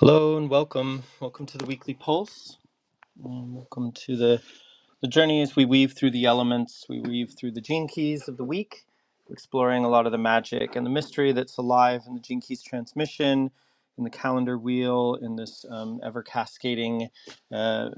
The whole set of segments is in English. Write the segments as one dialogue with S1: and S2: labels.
S1: Hello and welcome. Welcome to the weekly pulse. And welcome to the the journey is we weave through the elements, we weave through the gene keys of the week, exploring a lot of the magic and the mystery that's alive in the gene keys transmission, in the calendar wheel, in this um, ever cascading, uh,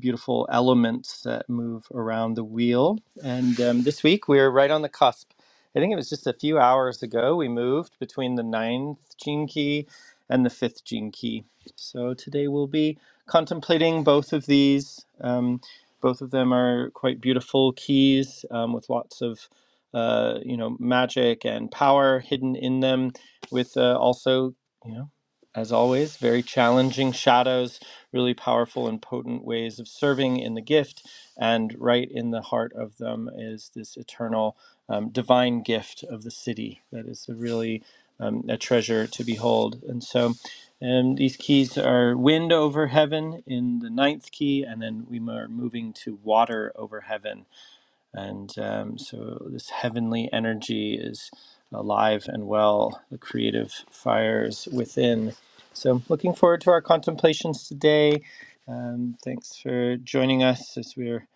S1: beautiful elements that move around the wheel. And um, this week we're right on the cusp. I think it was just a few hours ago we moved between the ninth gene key and the fifth gene key. So today we'll be contemplating both of these. Um, both of them are quite beautiful keys um, with lots of uh, you know magic and power hidden in them, with uh, also you know as always very challenging shadows, really powerful and potent ways of serving in the gift, and right in the heart of them is this eternal um, divine gift of the city that is a really um, a treasure to behold, and so. And these keys are wind over heaven in the ninth key, and then we are moving to water over heaven. And um, so this heavenly energy is alive and well, the creative fires within. So, looking forward to our contemplations today. Um, thanks for joining us as we're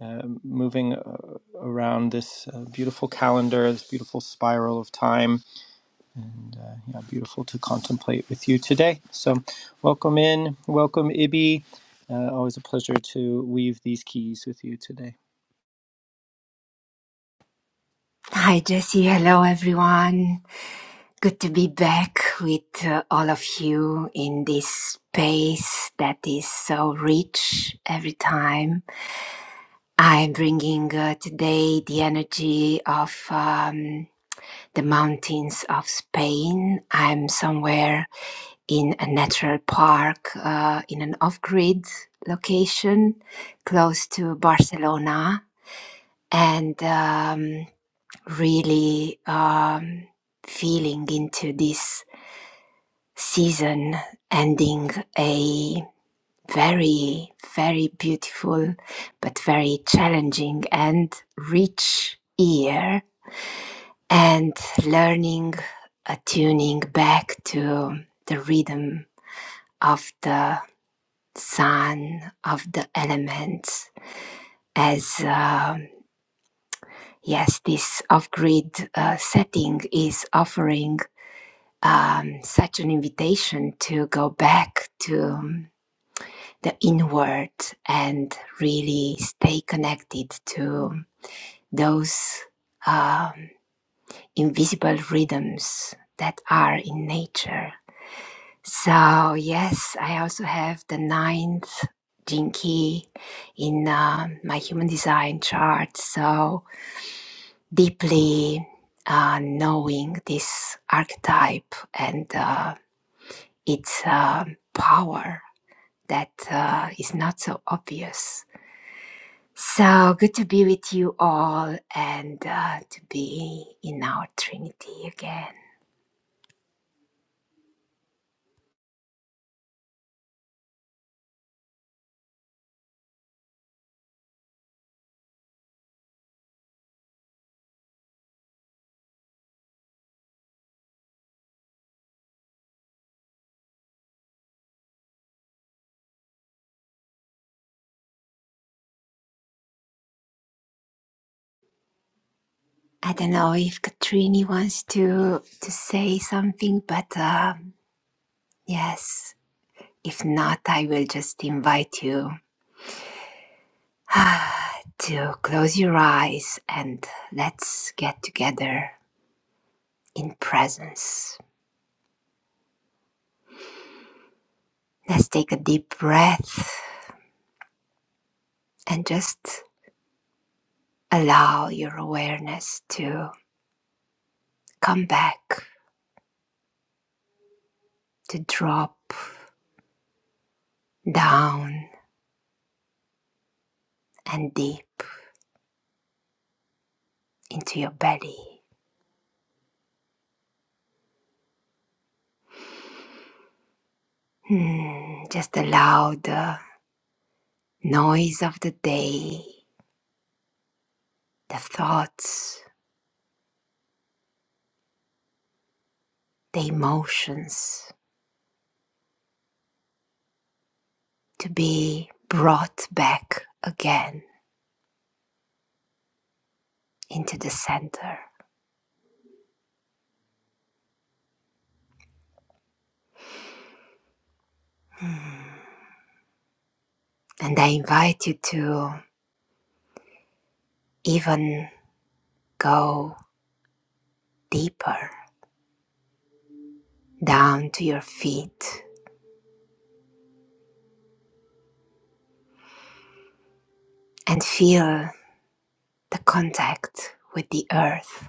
S1: uh, moving uh, around this uh, beautiful calendar, this beautiful spiral of time and uh, yeah, beautiful to contemplate with you today. So, welcome in, welcome Ibi. Uh, always a pleasure to weave these keys with you today.
S2: Hi, Jesse. Hello, everyone. Good to be back with uh, all of you in this space that is so rich every time. I'm bringing uh, today the energy of um, the mountains of Spain. I'm somewhere in a natural park uh, in an off grid location close to Barcelona. And um, really um, feeling into this season ending a very, very beautiful but very challenging and rich year and learning attuning back to the rhythm of the sun of the elements as um, yes this off-grid uh, setting is offering um, such an invitation to go back to um, the inward and really stay connected to those um, invisible rhythms that are in nature. So, yes, I also have the ninth Jinki in uh, my human design chart. So, deeply uh, knowing this archetype and uh, its uh, power that uh, is not so obvious. So good to be with you all and uh, to be in our Trinity again. I don't know if Katrini wants to to say something, but um, yes, if not, I will just invite you to close your eyes and let's get together in presence. Let's take a deep breath and just allow your awareness to Come back to drop down and deep into your belly. Hmm, just allow the noise of the day, the thoughts, the emotions to be brought back again into the center. Hmm. And I invite you to even go deeper down to your feet and feel the contact with the earth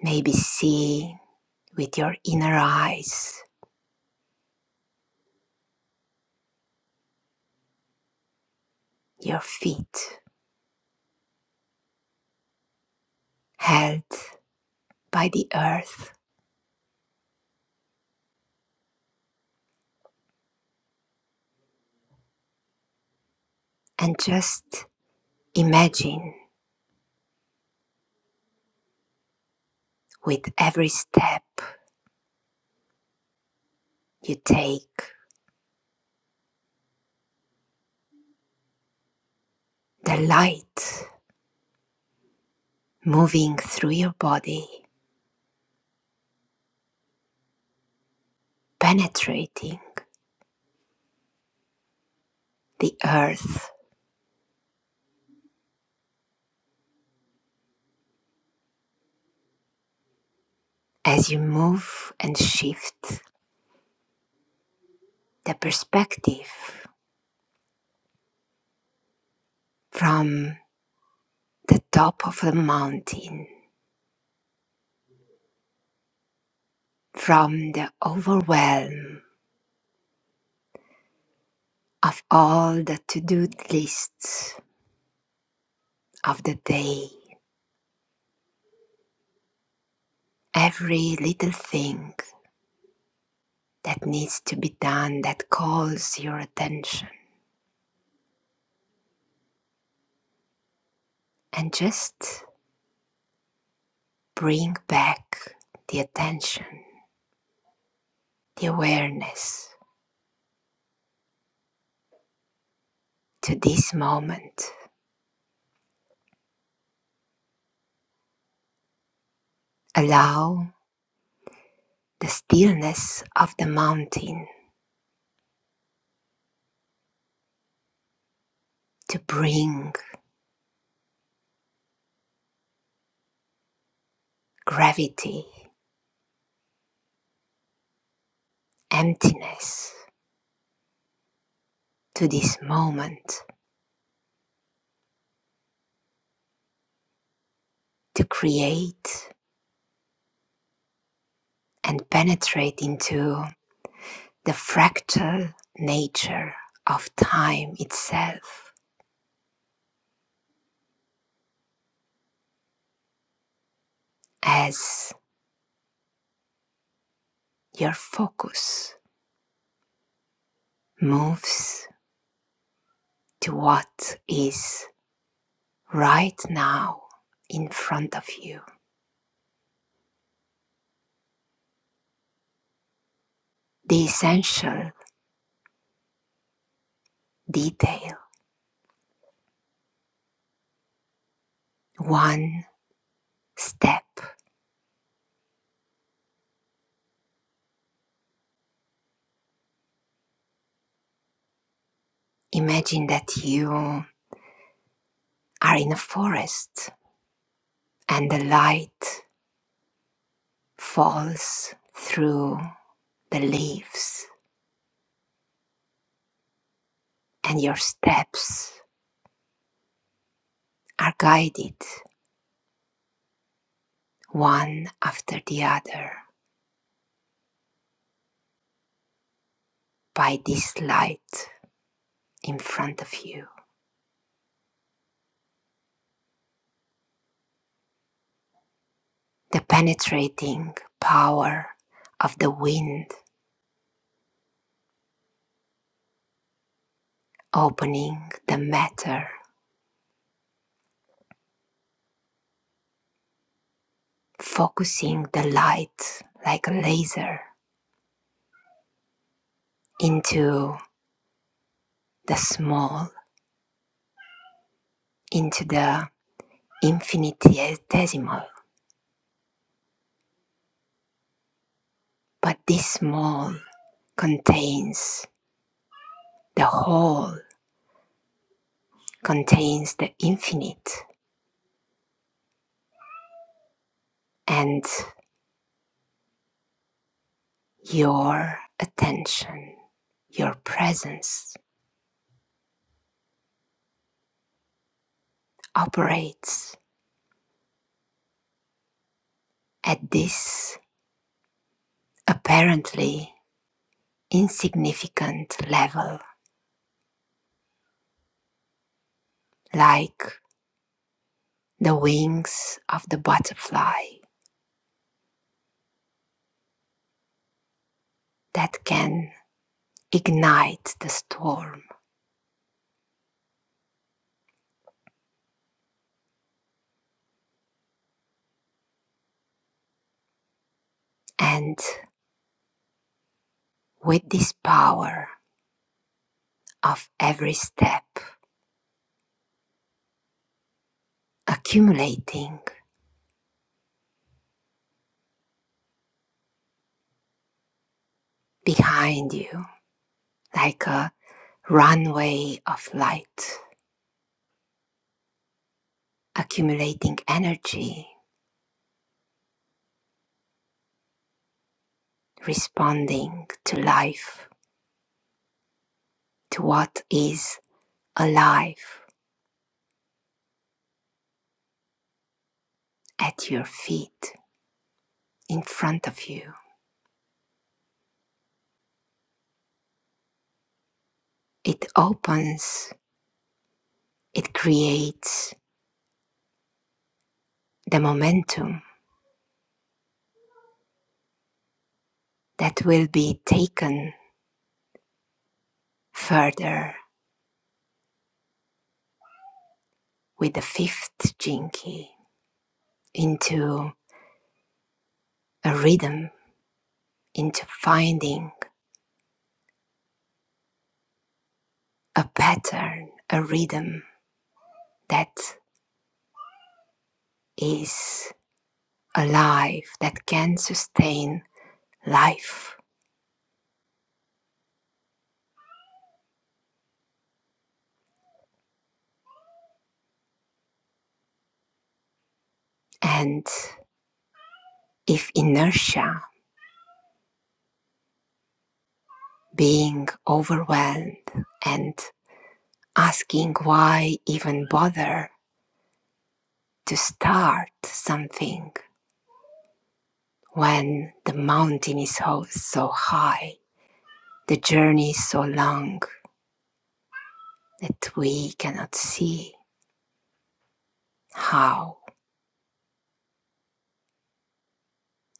S2: Maybe see with your inner eyes your feet held by the earth and just imagine with every step you take the light moving through your body, penetrating the earth as you move and shift the perspective from the top of the mountain, from the overwhelm of all the to do lists of the day, every little thing that needs to be done that calls your attention, and just bring back the attention, the awareness to this moment. Allow the stillness of the mountain to bring gravity, emptiness to this moment, to create and penetrate into. the fractal nature of time itself as your focus moves to what is right now in front of you. The essential detail, one step. Imagine that you are in a forest and the light falls through the leaves and your steps are guided one after the other by this light in front of you. The penetrating power of the wind opening the matter, focusing the light like a laser into the small, into the infinitesimal. But this small contains the whole, contains the infinite, and Your attention, your presence operates at this apparently insignificant level, like the wings of the butterfly that can ignite the storm. And with this power of every step accumulating behind you, like a runway of light, accumulating energy responding to life, to what is alive at your feet, in front of you. It opens, it creates the momentum that will be taken further with the fifth jinky into a rhythm, into finding a pattern, a rhythm that is alive, that can sustain life and If inertia, being overwhelmed, and asking why even bother to start something when the mountain is so so high, the journey is so long that we cannot see how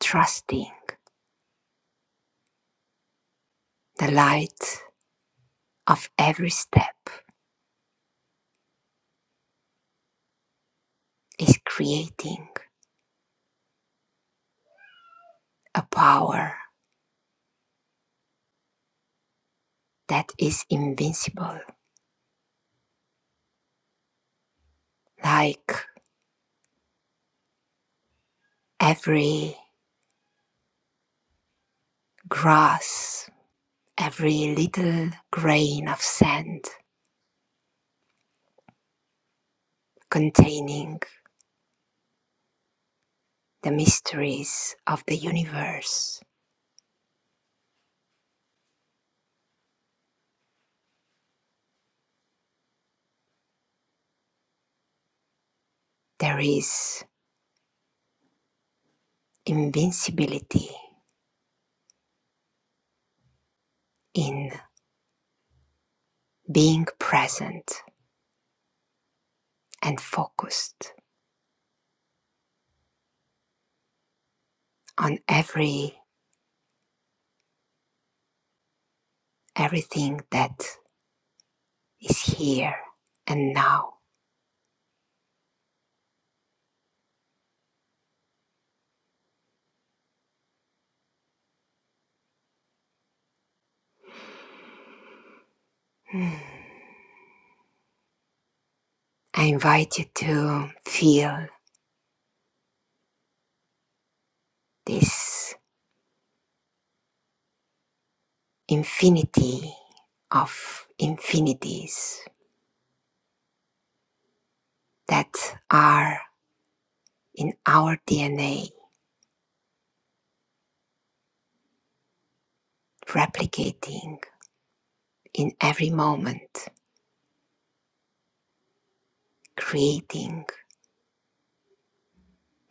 S2: trusting the light of every step is creating a power that is invincible, like every grass every little grain of sand containing the mysteries of the universe. There is invincibility in being present and focused on every everything that is here and now. Hmm. I invite you to feel this infinity of infinities that are in our DNA replicating in every moment, creating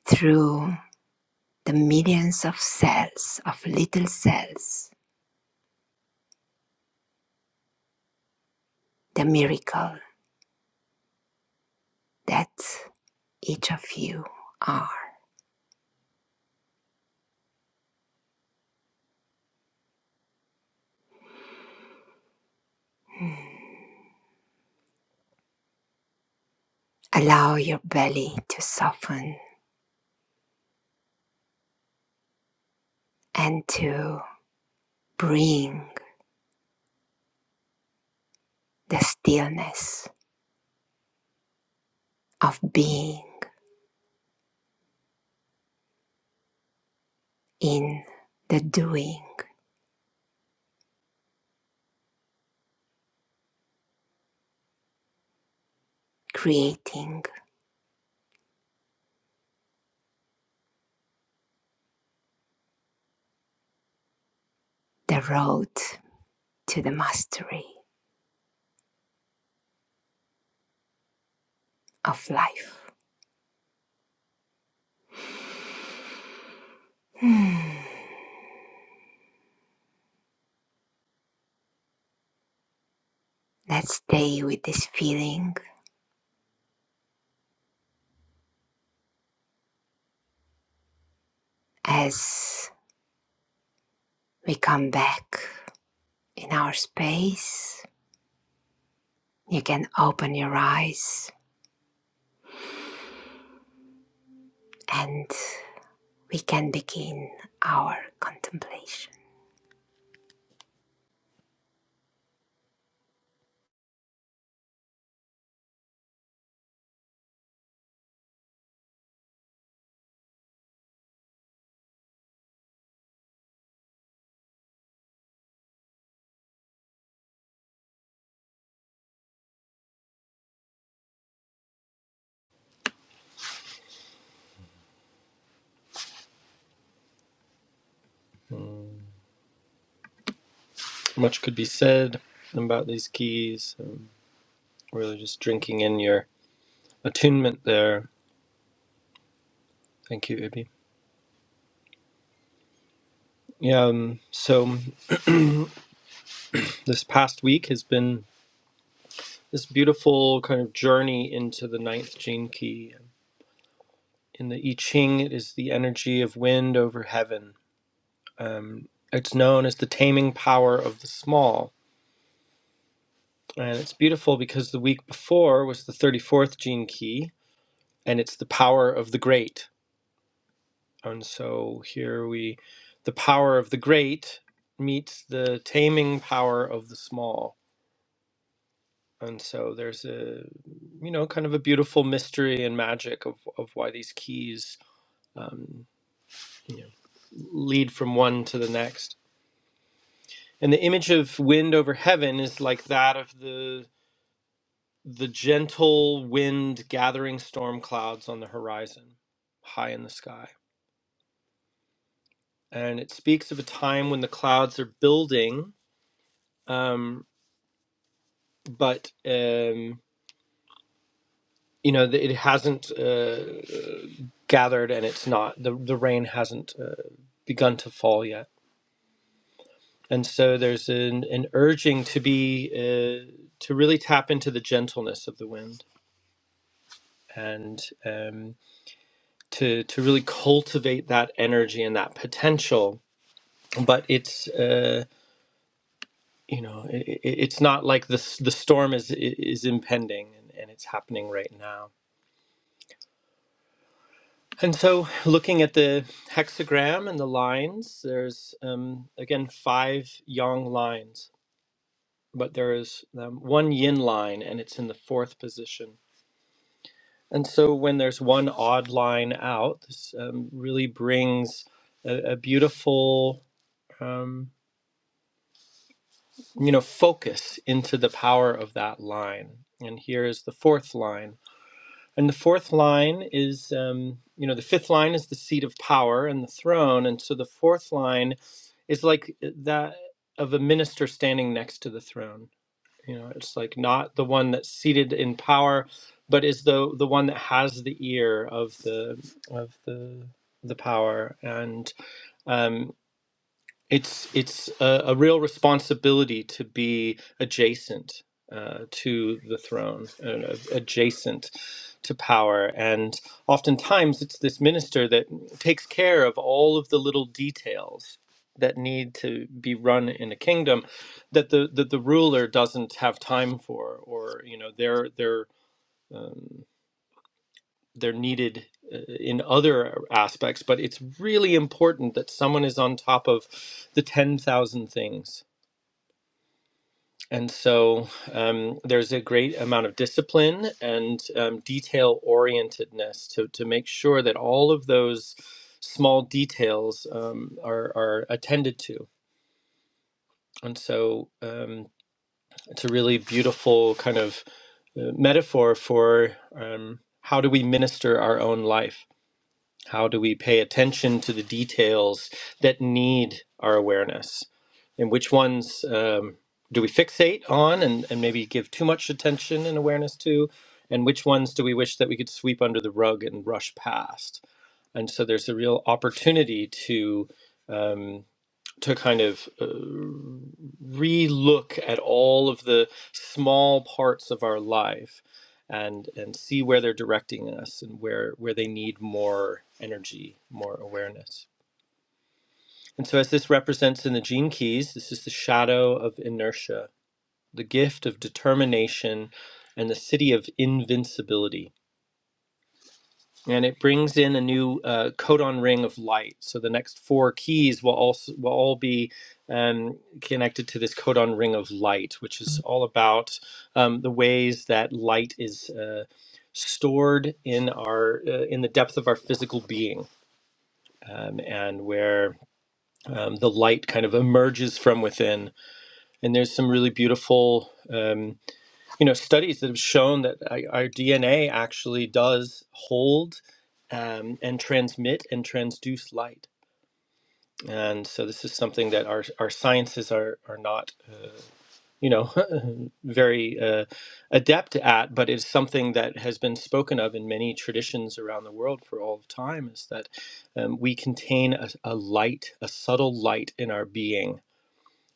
S2: through the millions of cells, of little cells, the miracle that each of you are. Hmm. Allow your belly to soften and to bring the stillness of being in the doing, creating the road to the mastery of life. Let's stay with this feeling as we come back in our space. You can open your eyes and we can begin our contemplation.
S1: Much could be said about these keys. Um, really, just drinking in your attunement there. Thank you, Ibi. Yeah. Um, so this past week has been this beautiful kind of journey into the ninth gene key. In the I Ching, it is the energy of wind over heaven. Um, it's known as the taming power of the small And it's beautiful because the week before was the 34th gene key, and it's the power of the great. And so here we, the power of the great meets the taming power of the small. And so there's a, you know, kind of a beautiful mystery and magic of, of why these keys um, you know, lead from one to the next. And the image of wind over heaven is like that of the the gentle wind gathering storm clouds on the horizon, high in the sky. And it speaks of a time when the clouds are building, um, but um, you know it hasn't uh, gathered, and it's not the the rain hasn't uh, begun to fall yet. And so there's an, an urging to be uh, to really tap into the gentleness of the wind and um, to to really cultivate that energy and that potential but it's uh, you know it, it's not like the s- the storm is is impending and, and it's happening right now. And so, looking at the hexagram and the lines, there's um, again five yang lines, but there is um, one yin line, and it's in the fourth position. And so, when there's one odd line out, this um, really brings a, a beautiful. Um, you know, focus into the power of that line. And here is the fourth line. And the fourth line is, um, you know, the fifth line is the seat of power and the throne. And so the fourth line is like uh, that of a minister standing next to the throne. You know, it's like not the one that's seated in power, but is the the one that has the ear of the of the the power and um, it's it's a, a real responsibility to be adjacent uh, to the throne, uh, adjacent to power, and oftentimes it's this minister that takes care of all of the little details that need to be run in a kingdom that the that the ruler doesn't have time for, or you know they're they're. um, they're needed uh, in other aspects, but it's really important that someone is on top of the 10,000 things. And so um, there's a great amount of discipline and um, detail orientedness to, to make sure that all of those small details um, are, are attended to. And so um, it's a really beautiful kind of uh, metaphor for um, how do we minister our own life How do we pay attention to the details that need our awareness? And which ones um, do we fixate on and, and maybe give too much attention and awareness to? And which ones do we wish that we could sweep under the rug and rush past? And so there's a real opportunity to. um, to kind of uh, re-look at all of the small parts of our life and and see where they're directing us and where where they need more energy more awareness and so as this represents in the gene keys this is the shadow of inertia the gift of determination and the city of invincibility and it brings in a new uh, codon ring of light. So the next four keys will also will all be um, connected to this codon ring of light, which is all about um, the ways that light is uh, stored in our uh, in the depth of our physical being, um, and where um, the light kind of emerges from within. And there's some really beautiful. Um, you know studies that have shown that I- our DNA actually does hold um, and transmit and transduce light. And so this is something that our, our sciences are, are not, uh, you know, very uh, adept at, but it's something that has been spoken of in many traditions around the world for all of time is that um, we contain a, a light, a subtle light in our being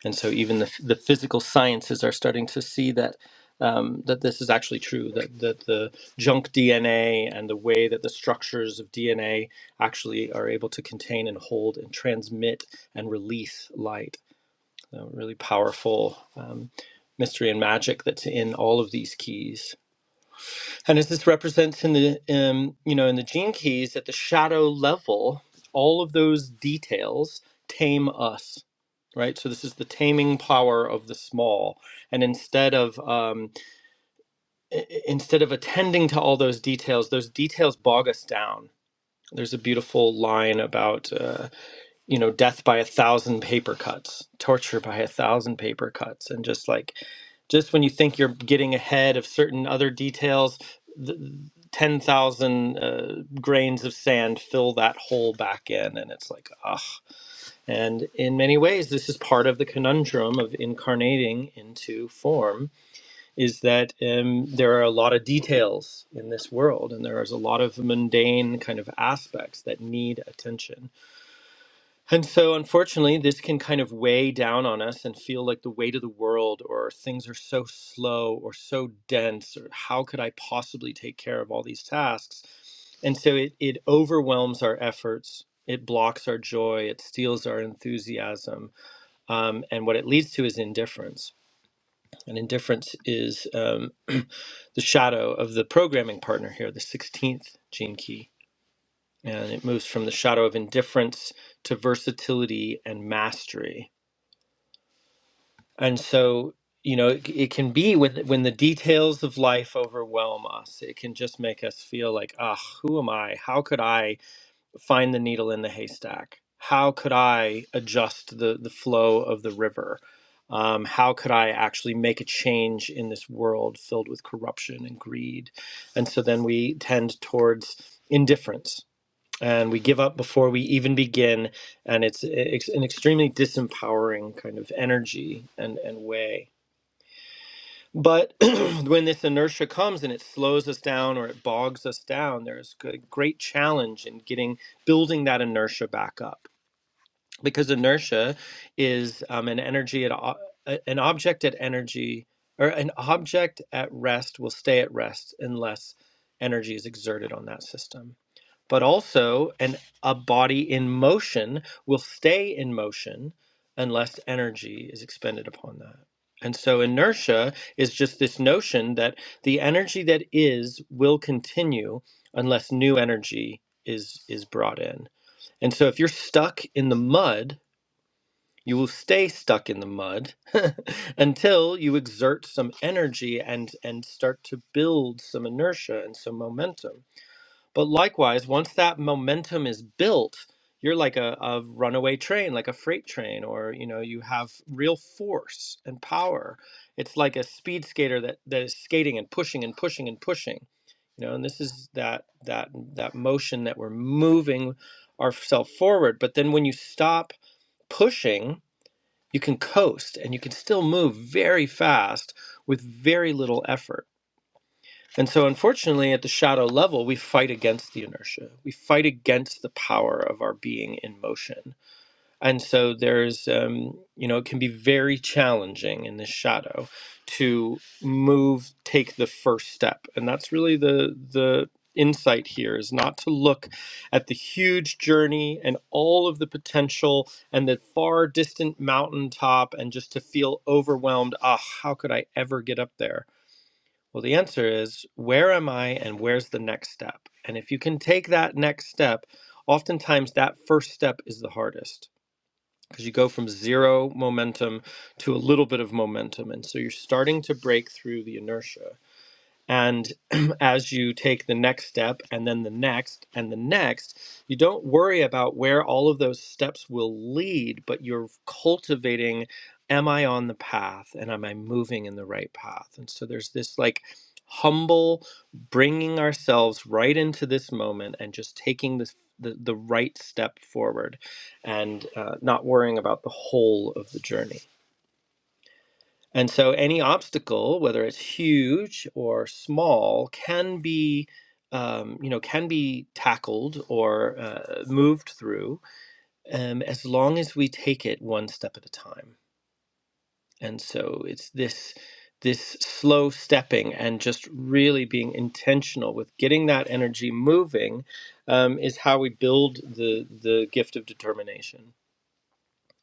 S1: and so even the, the physical sciences are starting to see that um, that this is actually true that, that the junk DNA and the way that the structures of DNA actually are able to contain and hold and transmit and release light. A really powerful um, mystery and magic that's in all of these keys. And as this represents in the um, you know in the gene keys at the shadow level, all of those details tame us, right? So this is the taming power of the small. And instead of um, i- i- instead of attending to all those details, those details bog us down. There's a beautiful line about. Uh, you know death by a thousand paper cuts torture by a thousand paper cuts and just like just when you think you're getting ahead of certain other details th 10,000 uh, grains of sand fill that hole back in and it's like ah and in many ways this is part of the conundrum of incarnating into form is that um, there are a lot of details in this world and there is a lot of mundane kind of aspects that need attention and so, unfortunately, this can kind of weigh down on us and feel like the weight of the world, or things are so slow or so dense, or how could I possibly take care of all these tasks? And so it, it overwhelms our efforts, it blocks our joy, it steals our enthusiasm. Um, and what it leads to is indifference. And indifference is um, the shadow of the programming partner here, the 16th gene key and it moves from the shadow of indifference to versatility and mastery. And so, you know, it, it can be when when the details of life overwhelm us, it can just make us feel like, ah, who am I? How could I find the needle in the haystack? How could I adjust the the flow of the river? Um, how could I actually make a change in this world filled with corruption and greed? And so then we tend towards indifference and we give up before we even begin and it's, it's an extremely disempowering kind of energy and, and way but when this inertia comes and it slows us down or it bogs us down there's a great challenge in getting building that inertia back up because inertia is um, an energy at o- a- an object at energy or an object at rest will stay at rest unless energy is exerted on that system but also an a body in motion will stay in motion unless energy is expended upon that and so inertia is just this notion that the energy that is will continue unless new energy is is brought in and so if you're stuck in the mud you will stay stuck in the mud until you exert some energy and and start to build some inertia and some momentum but likewise, once that momentum is built, you're like a, a runaway train, like a freight train, or you know, you have real force and power. It's like a speed skater that, that is skating and pushing and pushing and pushing. You know, and this is that that that motion that we're moving ourselves forward. But then when you stop pushing, you can coast and you can still move very fast with very little effort. And so, unfortunately, at the shadow level, we fight against the inertia. We fight against the power of our being in motion. And so, there's, um, you know, it can be very challenging in the shadow to move, take the first step. And that's really the, the, insight here is not to look at the huge journey and all of the potential and the far distant mountaintop and just to feel overwhelmed ah how could i ever get up there well, the answer is where am I and where's the next step? And if you can take that next step, oftentimes that first step is the hardest because you go from zero momentum to a little bit of momentum. And so you're starting to break through the inertia. And as you take the next step and then the next and the next, you don't worry about where all of those steps will lead, but you're cultivating am I on the path and am I moving in the right path? And so there's this like humble bringing ourselves right into this moment and just taking this. The, the right step forward and uh, not worrying about the whole of the journey. And so any obstacle, whether it's huge or small, can be um, you know can be tackled or uh, moved through um, as long as we take it one step at a time. And so it's this this slow stepping and just really being intentional with getting that energy moving um, is how we build the the gift of determination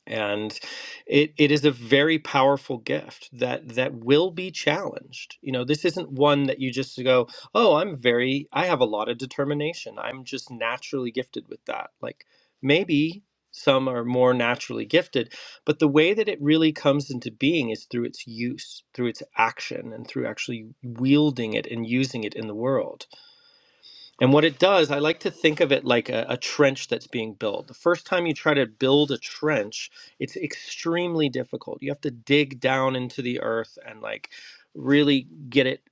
S1: and it it is a very powerful gift that that will be challenged you know this isn't one that you just go oh i'm very i have a lot of determination i'm just naturally gifted with that like maybe some are more naturally gifted but the way that it really comes into being is through its use through its action and through actually wielding it and using it in the world and what it does, I like to think of it like a, a trench that's being built. The first time you try to build a trench, it's extremely difficult. You have to dig down into the earth and like really get it,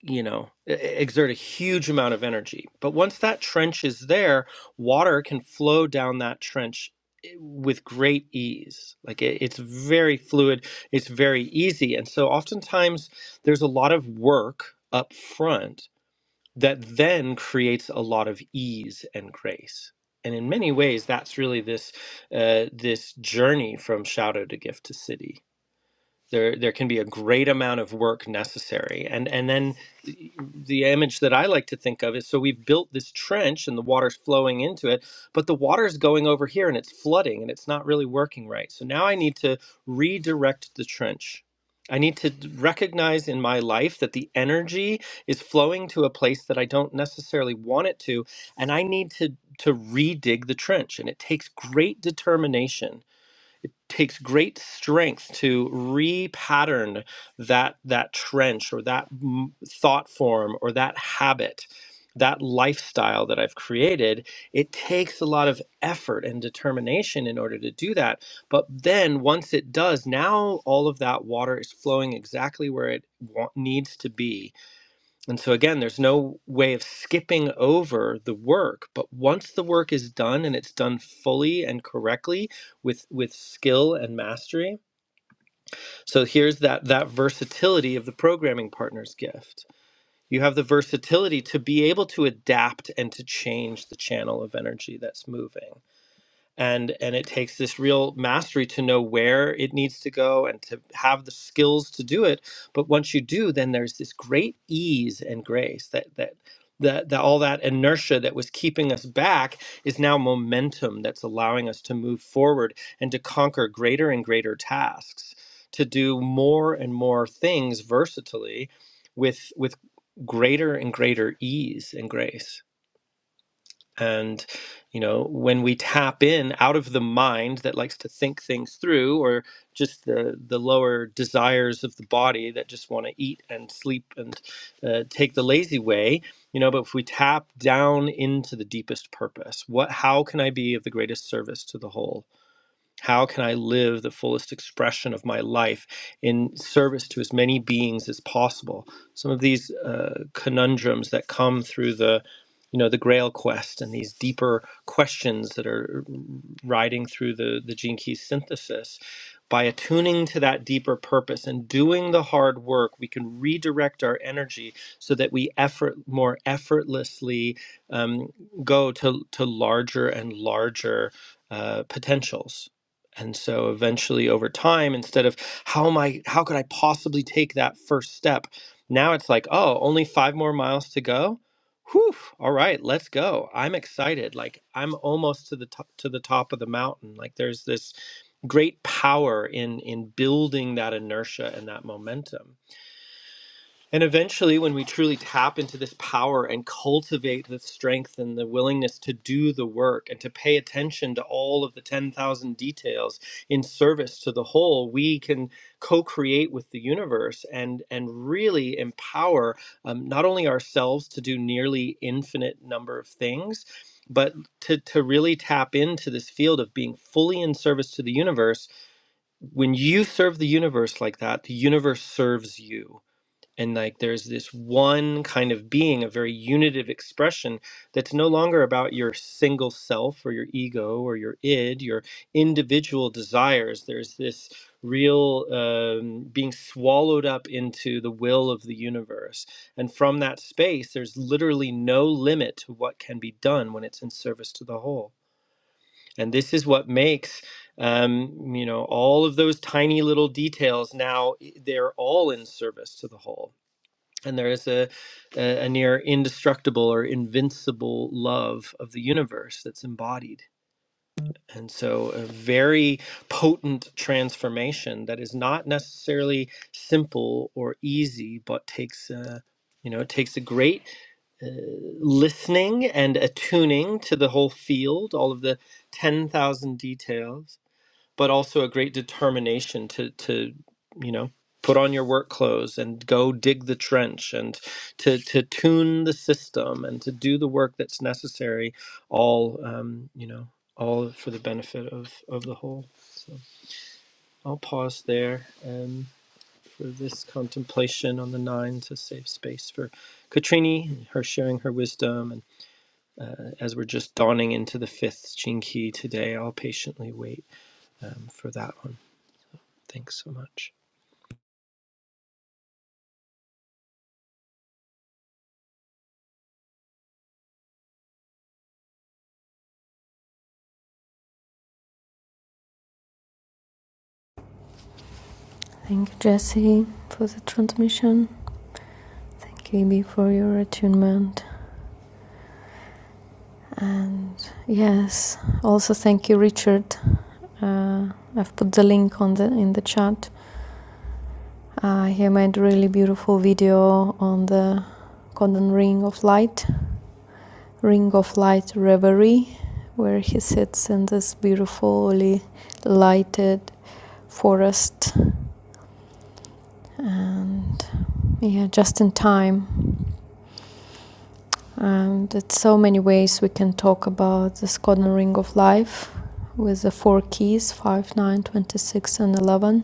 S1: you know, e- e- exert a huge amount of energy. But once that trench is there, water can flow down that trench eh, with great ease. Like it, it's very fluid, it's very easy. And so oftentimes there's a lot of work up front that then creates a lot of ease and grace. And in many ways, that's really this uh, this journey from shadow to gift to city there there can be a great amount of work necessary and and then the image that i like to think of is so we've built this trench and the water's flowing into it but the water's going over here and it's flooding and it's not really working right so now i need to redirect the trench i need to recognize in my life that the energy is flowing to a place that i don't necessarily want it to and i need to to redig the trench and it takes great determination takes great strength to repattern that that trench or that thought form or that habit that lifestyle that I've created, it takes a lot of effort and determination in order to do that. But then once it does, now all of that water is flowing exactly where it wa- needs to be and so, again, there's no way of skipping over the work. But once the work is done and it's done fully and correctly with, with skill and mastery. So, here's that, that versatility of the programming partner's gift. You have the versatility to be able to adapt and to change the channel of energy that's moving and and it takes this real mastery to know where it needs to go and to have the skills to do it but once you do then there's this great ease and grace that that that, that all that inertia that was keeping us back is now momentum that's allowing us to move forward and to conquer greater and greater tasks to do more and more things versatilely with with greater and greater ease and grace and you know when we tap in out of the mind that likes to think things through or just the the lower desires of the body that just want to eat and sleep and uh, take the lazy way you know but if we tap down into the deepest purpose what how can i be of the greatest service to the whole how can I live the fullest expression of my life in service to as many beings as possible? Some of these uh, conundrums that come through the, you know, the Grail quest and these deeper questions that are riding through the the Gene Key synthesis. By attuning to that deeper purpose and doing the hard work, we can redirect our energy so that we effort more effortlessly um, go to to larger and larger uh, potentials. And so eventually over time, instead of how am I, how could I possibly take that first step? Now it's like, oh, only five more miles to go. Whew, all right, let's go. I'm excited. Like I'm almost to the top to the top of the mountain. Like there's this great power in in building that inertia and that momentum. And eventually, when we truly tap into this power and cultivate the strength and the willingness to do the work and to pay attention to all of the 10,000 details in service to the whole, we can co create with the universe and, and really empower um, not only ourselves to do nearly infinite number of things, but to, to really tap into this field of being fully in service to the universe. When you serve the universe like that, the universe serves you and like there's this one kind of being a very unitive expression that's no longer about your single self or your ego or your id your individual desires there's this real um, being swallowed up into the will of the universe and from that space there's literally no limit to what can be done when it's in service to the whole and this is what makes um, you know all of those tiny little details now i- they're all in service to the whole and there is a, a, a near indestructible or invincible love of the universe that's embodied. And so, a very potent transformation that is not necessarily simple or easy, but takes uh you know, it takes a great uh, listening and attuning to the whole field, all of the 10,000 details, but also a great determination to to you know put on your work clothes and go dig the trench and to to tune the system and to do the work that's necessary all um, you know all for the benefit of of the whole so i'll pause there um, for this contemplation on the nine to save space for katrini her sharing her wisdom and uh, as we're just dawning into the fifth chinki today i'll patiently wait um, for that one thanks so much
S3: Thank you, Jesse, for the transmission. Thank you, Ibi, for your attunement. And yes, also thank you, Richard. Uh, I've put the link on the in the chat. Uh, he made a really beautiful video on the Condon Ring of Light, Ring of Light Reverie, where he sits in this beautifully lighted forest and yeah, just in time And there's so many ways we can talk about the Skodno ring of life with the four keys 5, 9, 26, and 11.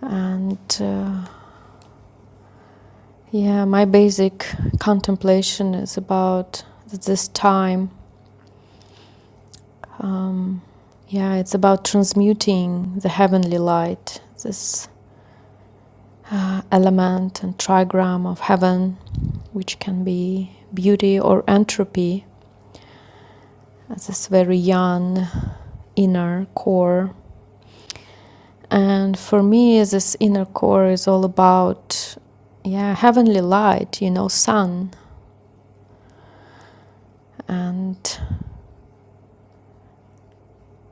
S3: And uh, yeah, my basic contemplation is about this time. Um, yeah, it's about transmuting the heavenly light, this uh, element and trigram of heaven, which can be beauty or entropy, as this very young inner core And for me, this inner core is all about, yeah, heavenly light, you know, sun. And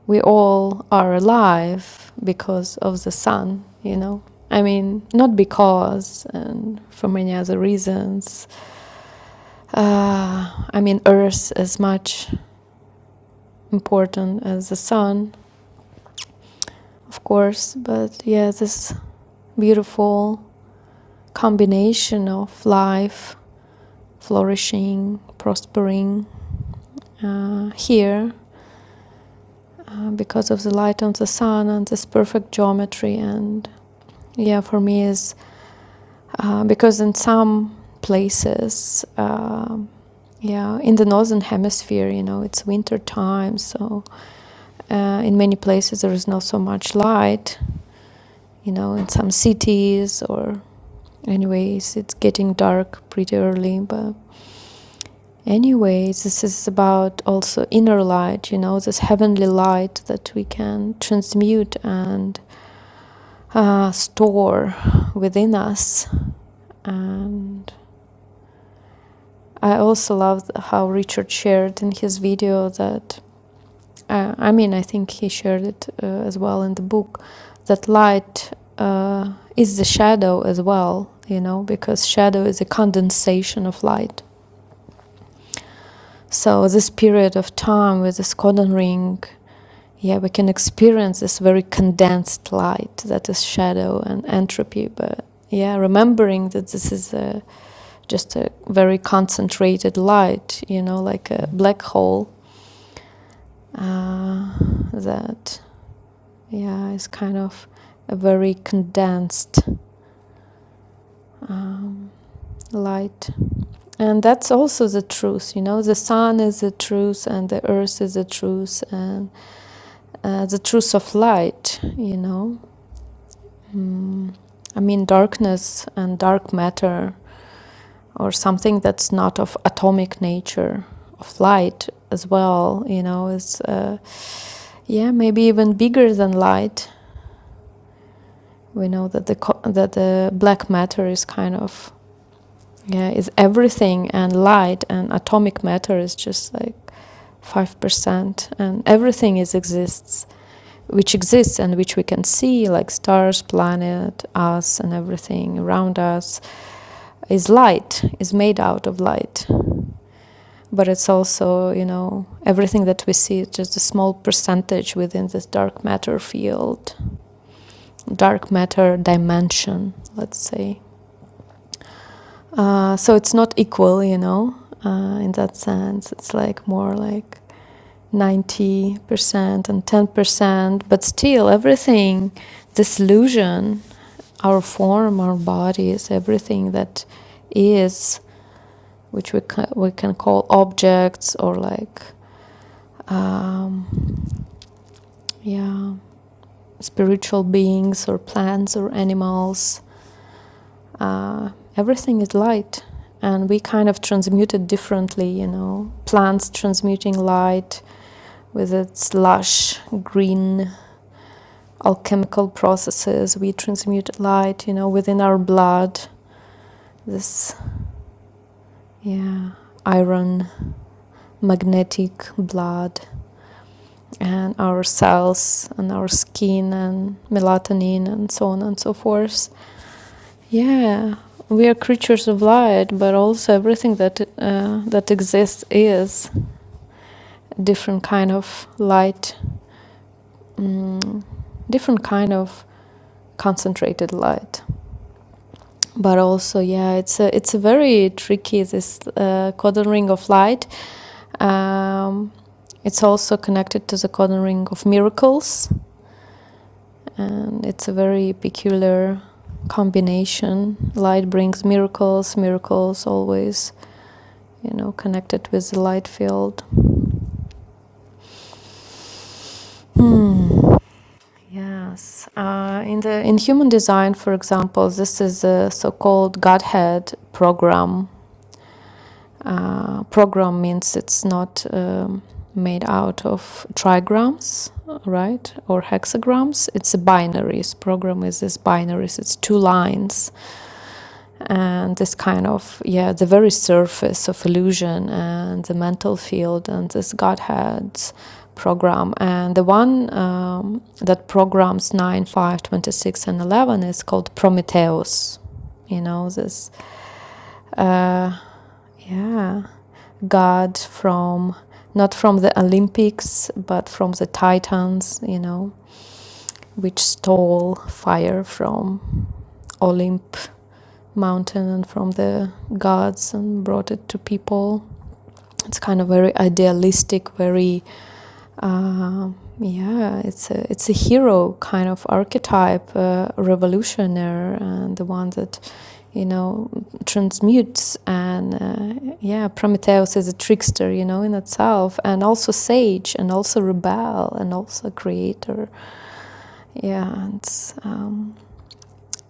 S3: we all are alive because of the sun, you know. I mean, not because, and for many other reasons. Uh, I mean, Earth is much important as the sun, of course, but yeah, this beautiful combination of life, flourishing, prospering uh, here uh, because of the light on the sun and this perfect geometry. And yeah, for me is uh, because in some places, um yeah, in the northern hemisphere, you know, it's winter time, so uh, in many places there is not so much light. You know, in some cities or anyways, it's getting dark pretty early, but Anyways, this is about also inner light, you know, this heavenly light that we can transmute and uh, store within us. And I also loved how Richard shared in his video that, uh, I mean, I think he shared it uh, as well in the book, that light uh, is the shadow as well, you know, because shadow is a condensation of light. So, this period of time with this cordon ring, yeah, we can experience this very condensed light that is shadow and entropy. But yeah, remembering that this is a just a very concentrated light, you know, like a black hole uh, that, yeah, is kind of a very condensed um, light. And that's also the truth, you know, the sun is the truth and the earth is the truth and uh, the truth of light, you know. Mm. I mean, darkness and dark matter or something that's not of atomic nature of light as well, you know, is. Uh, Yeah, maybe even bigger than light. We know that the co- that the black matter is kind of yeah is everything, and light and atomic matter is just like five percent, and everything is exists which exists and which we can see, like stars, planet, us, and everything around us is light, is made out of light. But it's also, you know, everything that we see is just a small percentage within this dark matter field. dark matter dimension, let's say. Uh, so it's not equal, you know, uh, in that sense. It's like more like 90% and 10%, but still everything, this illusion, our form, our bodies, everything that is, which we can, we can call objects or like, um, yeah, spiritual beings or plants or animals, uh, everything is light and we kind of transmute it differently you know plants transmuting light with its lush green alchemical processes we transmute light you know within our blood this yeah iron magnetic blood and our cells and our skin and melatonin and so on and so forth yeah we are creatures of light but also everything that uh, that exists is different kind of light mm, different kind of concentrated light but also yeah it's a it's a very tricky this uh, codon ring of light um, it's also connected to the codon ring of miracles and it's a very peculiar combination light brings miracles miracles always you know connected with the light field Hmm. Yes, uh, in the in human design, for example, this is a so-called Godhead program. Uh, program means it's not um, made out of trigrams, right, or hexagrams. It's a binaries. Program is this binaries. It's two lines and this kind of yeah the very surface of illusion and the mental field and this godhead program and the one um, that programs 9 26 and 11 is called prometheus you know this uh, yeah god from not from the olympics but from the titans you know which stole fire from Olympus. mountain and from the gods and brought it to people. It's kind of very idealistic, very uh, yeah, it's a it's a hero kind of archetype, uh, revolutionary, and the one that you know transmutes and uh, yeah, Prometheus is a trickster, you know, in itself, and also sage, and also rebel, and also creator. Yeah, and um,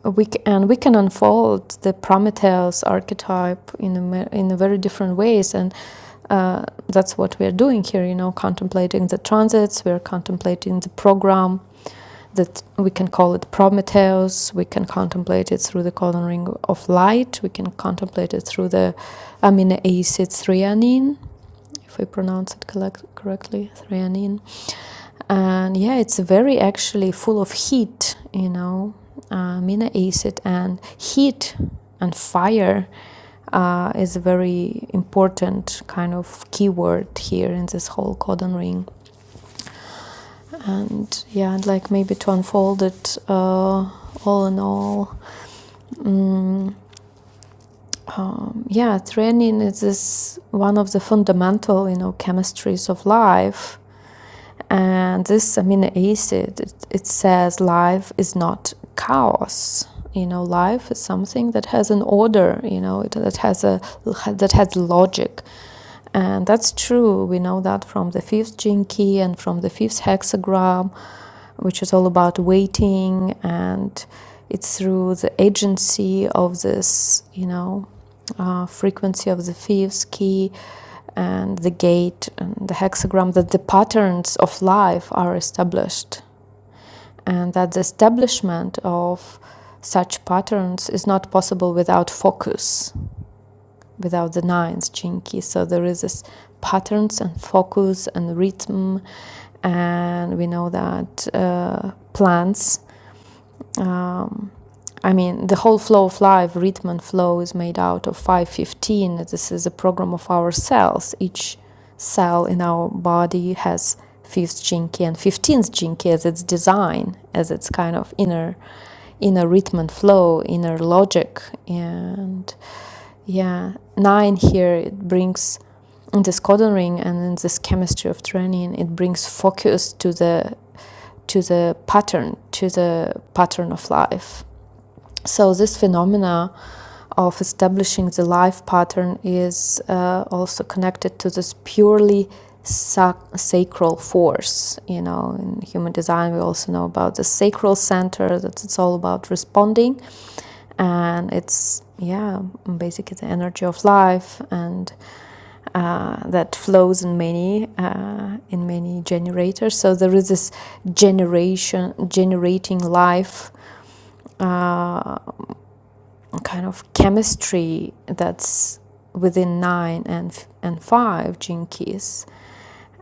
S3: we c- and we can unfold the Prometheus archetype in a, in a very different ways, and uh, that's what we are doing here. You know, contemplating the transits, we are contemplating the program that we can call it Prometheus. We can contemplate it through the coloring of light. We can contemplate it through the amino acid threonine, if I pronounce it collect- correctly, threonine and yeah it's very actually full of heat you know uh, amino acid and heat and fire uh, is a very important kind of keyword here in this whole codon ring and yeah i'd like maybe to unfold it uh, all in all mm, um, yeah, training is this one of the fundamental, you know, chemistries of life. and this amino acid it, it says life is not chaos you know life is something that has an order you know it, that has a that has logic and that's true we know that from the fifth gene key and from the fifth hexagram which is all about waiting and it's through the agency of this you know uh, frequency of the fifth key and the gate and the hexagram that the patterns of life are established and that the establishment of such patterns is not possible without focus without the ninth chinky so there is this patterns and focus and rhythm and we know that uh, plants um, I mean, the whole flow of life, rhythm and flow, is made out of 515. This is a program of our cells. Each cell in our body has fifth jinki and 15th jinki as its design, as its kind of inner inner rhythm and flow, inner logic. And yeah, nine here, it brings in this codon ring and in this chemistry of training, it brings focus to the to the pattern, to the pattern of life so this phenomena of establishing the life pattern is uh, also connected to this purely sac- sacral force. You know, in human design, we also know about the sacral center. That it's all about responding, and it's yeah, basically the energy of life, and uh, that flows in many uh, in many generators. So there is this generation generating life uh, kind of chemistry that's within nine and and five gene keys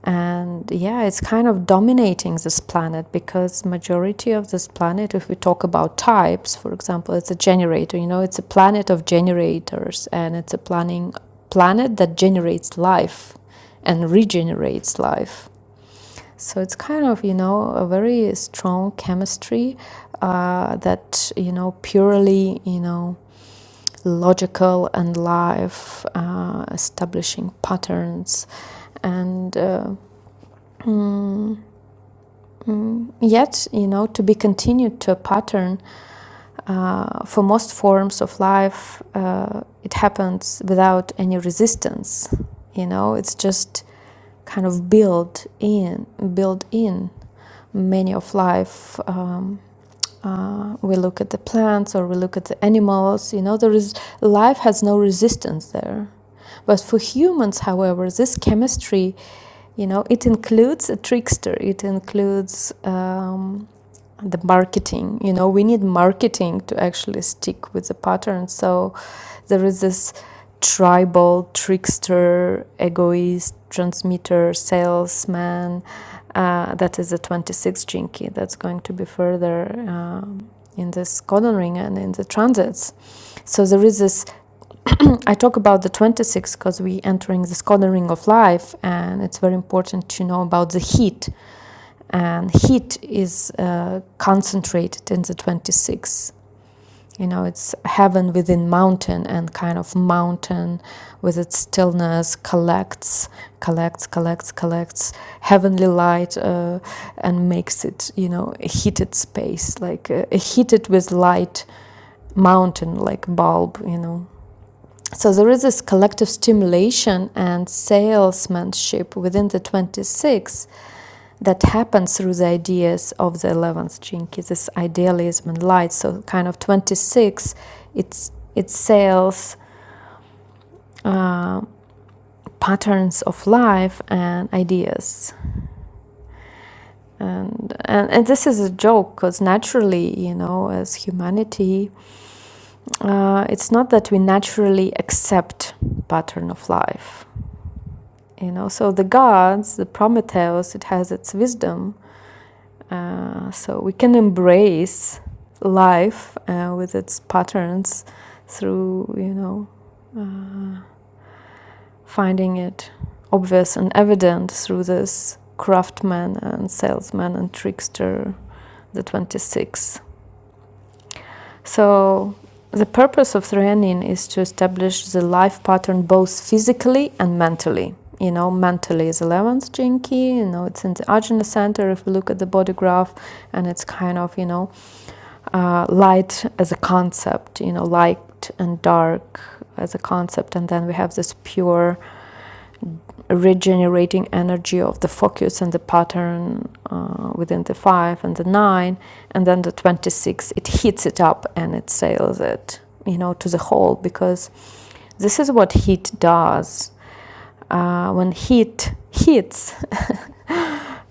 S3: and yeah it's kind of dominating this planet because majority of this planet if we talk about types for example it's a generator you know it's a planet of generators and it's a planning planet that generates life and regenerates life so it's kind of you know a very strong chemistry uh, that you know purely you know logical and life, uh, establishing patterns. And uh, yet, you know, to be continued to a pattern uh, for most forms of life, uh, it happens without any resistance. You know, it's just kind of built in, built in many of life. Um, uh, we look at the plants or we look at the animals. You know, there is life has no resistance there But for humans, however, this chemistry, you know, it includes a trickster. It includes um, the marketing. You know, we need marketing to actually stick with the pattern. So there is this tribal trickster, egoist, transmitter, salesman. Uh, that is the 26 jinki. That's going to be further um, in this codon ring and in the transits. So there is this I talk about the 26 because we entering the Skoda of life, and it's very important to know about the heat. And heat is uh, concentrated in the 26. You know, it's heaven within mountain, and kind of mountain with its stillness collects, collects, collects, collects heavenly light uh, and makes it, you know, a heated space, like uh, a heated with light mountain, like bulb, you know so there is this collective stimulation and salesmanship within the 26 that happens through the ideas of the 11th jinki this idealism and light so kind of 26 it's it sells uh, patterns of life and ideas and, and and this is a joke because naturally you know as humanity uh, it's not that we naturally accept pattern of life You know, so the gods, the Prometheus, it has its wisdom. Uh, so we can embrace life uh, with its patterns through, you know, uh, finding it obvious and evident through this craftsman and salesman and trickster, the 26 So, the purpose of Threanin is to establish the life pattern both physically and mentally. You know, mentally is 11th Jinki, you know, it's in the Ajna center if we look at the body graph, and it's kind of, you know, uh, light as a concept, you know, light and dark as a concept, and then we have this pure regenerating energy of the focus and the pattern uh, within the five and the nine, and then the 26, it heats it up and it sails it, you know, to the whole because this is what heat does. Uh, when heat hits,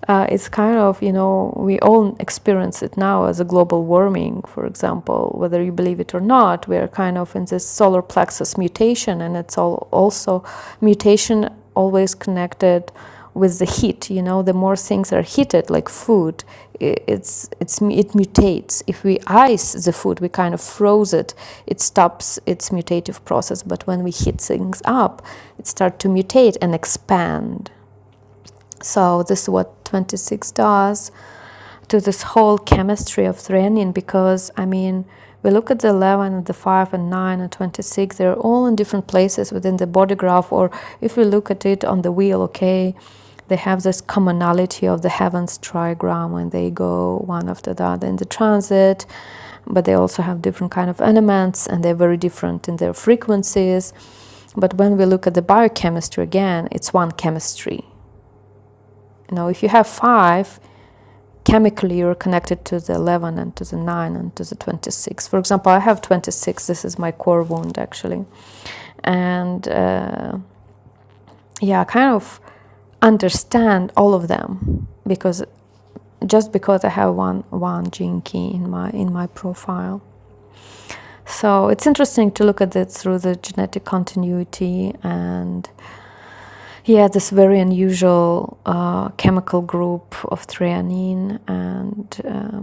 S3: uh, it's kind of you know we all experience it now as a global warming for example whether you believe it or not we are kind of in this solar plexus mutation and it's all also mutation always connected with the heat you know the more things are heated like food it's it's it mutates if we ice the food we kind of froze it it stops its mutative process but when we heat things up it starts to mutate and expand so this is what 26 does to this whole chemistry of threonine because I mean we look at the 11 and the 5 and 9 and 26 they're all in different places within the body graph or if we look at it on the wheel okay they have this commonality of the heavens trigram when they go one after the other in the transit but they also have different kind of elements and they're very different in their frequencies but when we look at the biochemistry again it's one chemistry you know if you have five chemically you're connected to the 11 and to the 9 and to the 26 for example i have 26 this is my core wound actually and uh, yeah i kind of understand all of them because just because i have one one gene key in my in my profile so it's interesting to look at it through the genetic continuity and yeah this very unusual uh, chemical group of threonine and um,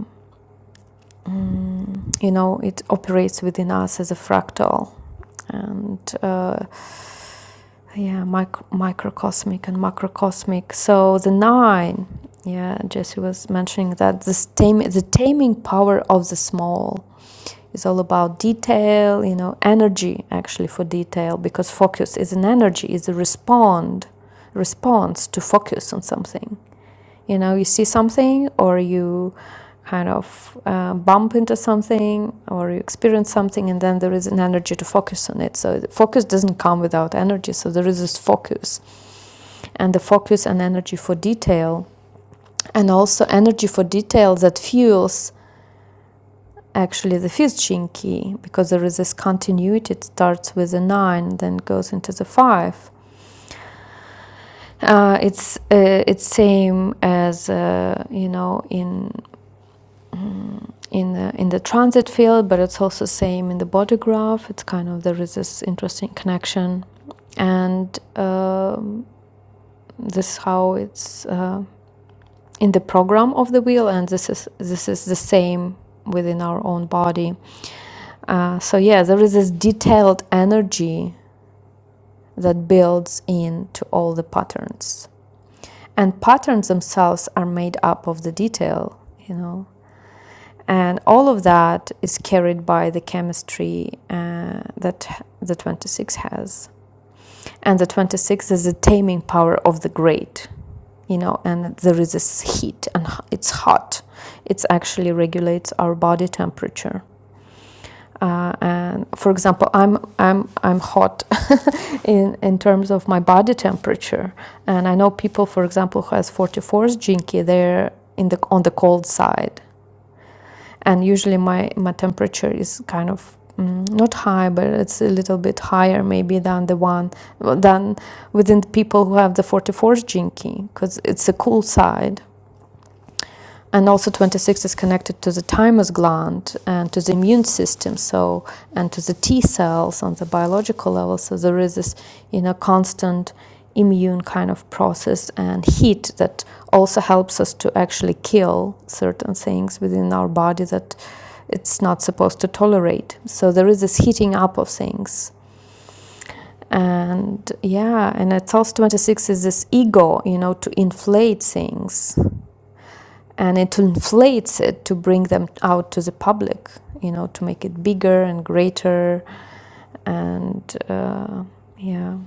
S3: Mm, you know, it operates within us as a fractal and uh, yeah, mic- microcosmic and macrocosmic. So the nine, yeah, Jesse was mentioning that the, tame, the taming power of the small is all about detail, you know, energy actually for detail because focus is an energy, is a respond response to focus on something you know you see something or you kind of uh, bump into something or you experience something and then there is an energy to focus on it so the focus doesn't come without energy so there is this focus and the focus and energy for detail and also energy for detail that fuels actually the fifth gene key because there is this continuity it starts with a nine then goes into the five uh, it's uh, it's same as uh, you know in um, in the in the transit field, but it's also same in the body graph. It's kind of there is this interesting connection, and um this is how it's uh, in the program of the wheel, and this is this is the same within our own body. Uh, so yeah, there is this detailed energy that builds into all the patterns, and patterns themselves are made up of the detail. You know, and all of that is carried by the chemistry uh, that the 26 has and the 26 is the taming power of the great you know and there is this heat and it's hot it actually regulates our body temperature uh, and for example i'm i'm i'm hot in in terms of my body temperature and i know people for example who has 44's jinky they're in the on the cold side and usually my my temperature is kind of mm, not high but it's a little bit higher maybe than the one than within the people who have the 44th gene key because it's a cool side and also 26 is connected to the thymus gland and to the immune system, so and to the T cells on the biological level. So there is this, you know, constant immune kind of process and heat that also helps us to actually kill certain things within our body that it's not supposed to tolerate. So there is this heating up of things. And yeah, and it's also 26 is this ego, you know, to inflate things and it inflates it to bring them out to the public you know to make it bigger and greater and uh, yeah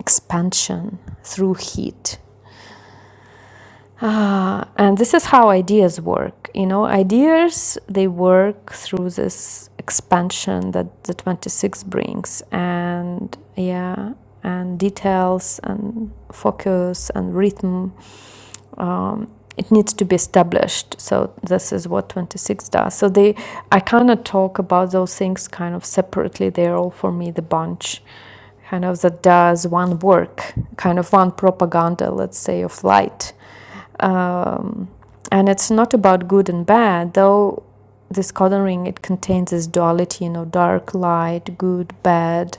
S3: expansion through heat ah, and this is how ideas work you know ideas they work through this expansion that the 26 brings and yeah and details and focus and rhythm um, it needs to be established. So this is what 26 does. So they, I cannot talk about those things kind of separately. They're all for me the bunch, kind of that does one work, kind of one propaganda, let's say, of light. Um, and it's not about good and bad, though. This codon ring it contains this duality, you know, dark, light, good, bad,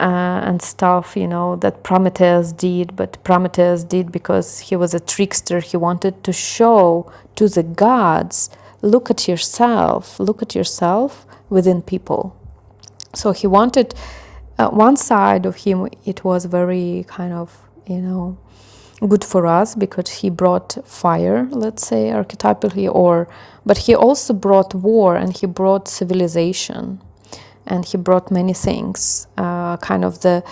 S3: uh, and stuff, you know, that Prometheus did, but Prometheus did because he was a trickster. He wanted to show to the gods look at yourself, look at yourself within people so he wanted uh, one side of him it was very kind of you know good for us because he brought fire let's say archetypally or but he also brought war and he brought civilization and he brought many things uh, kind of the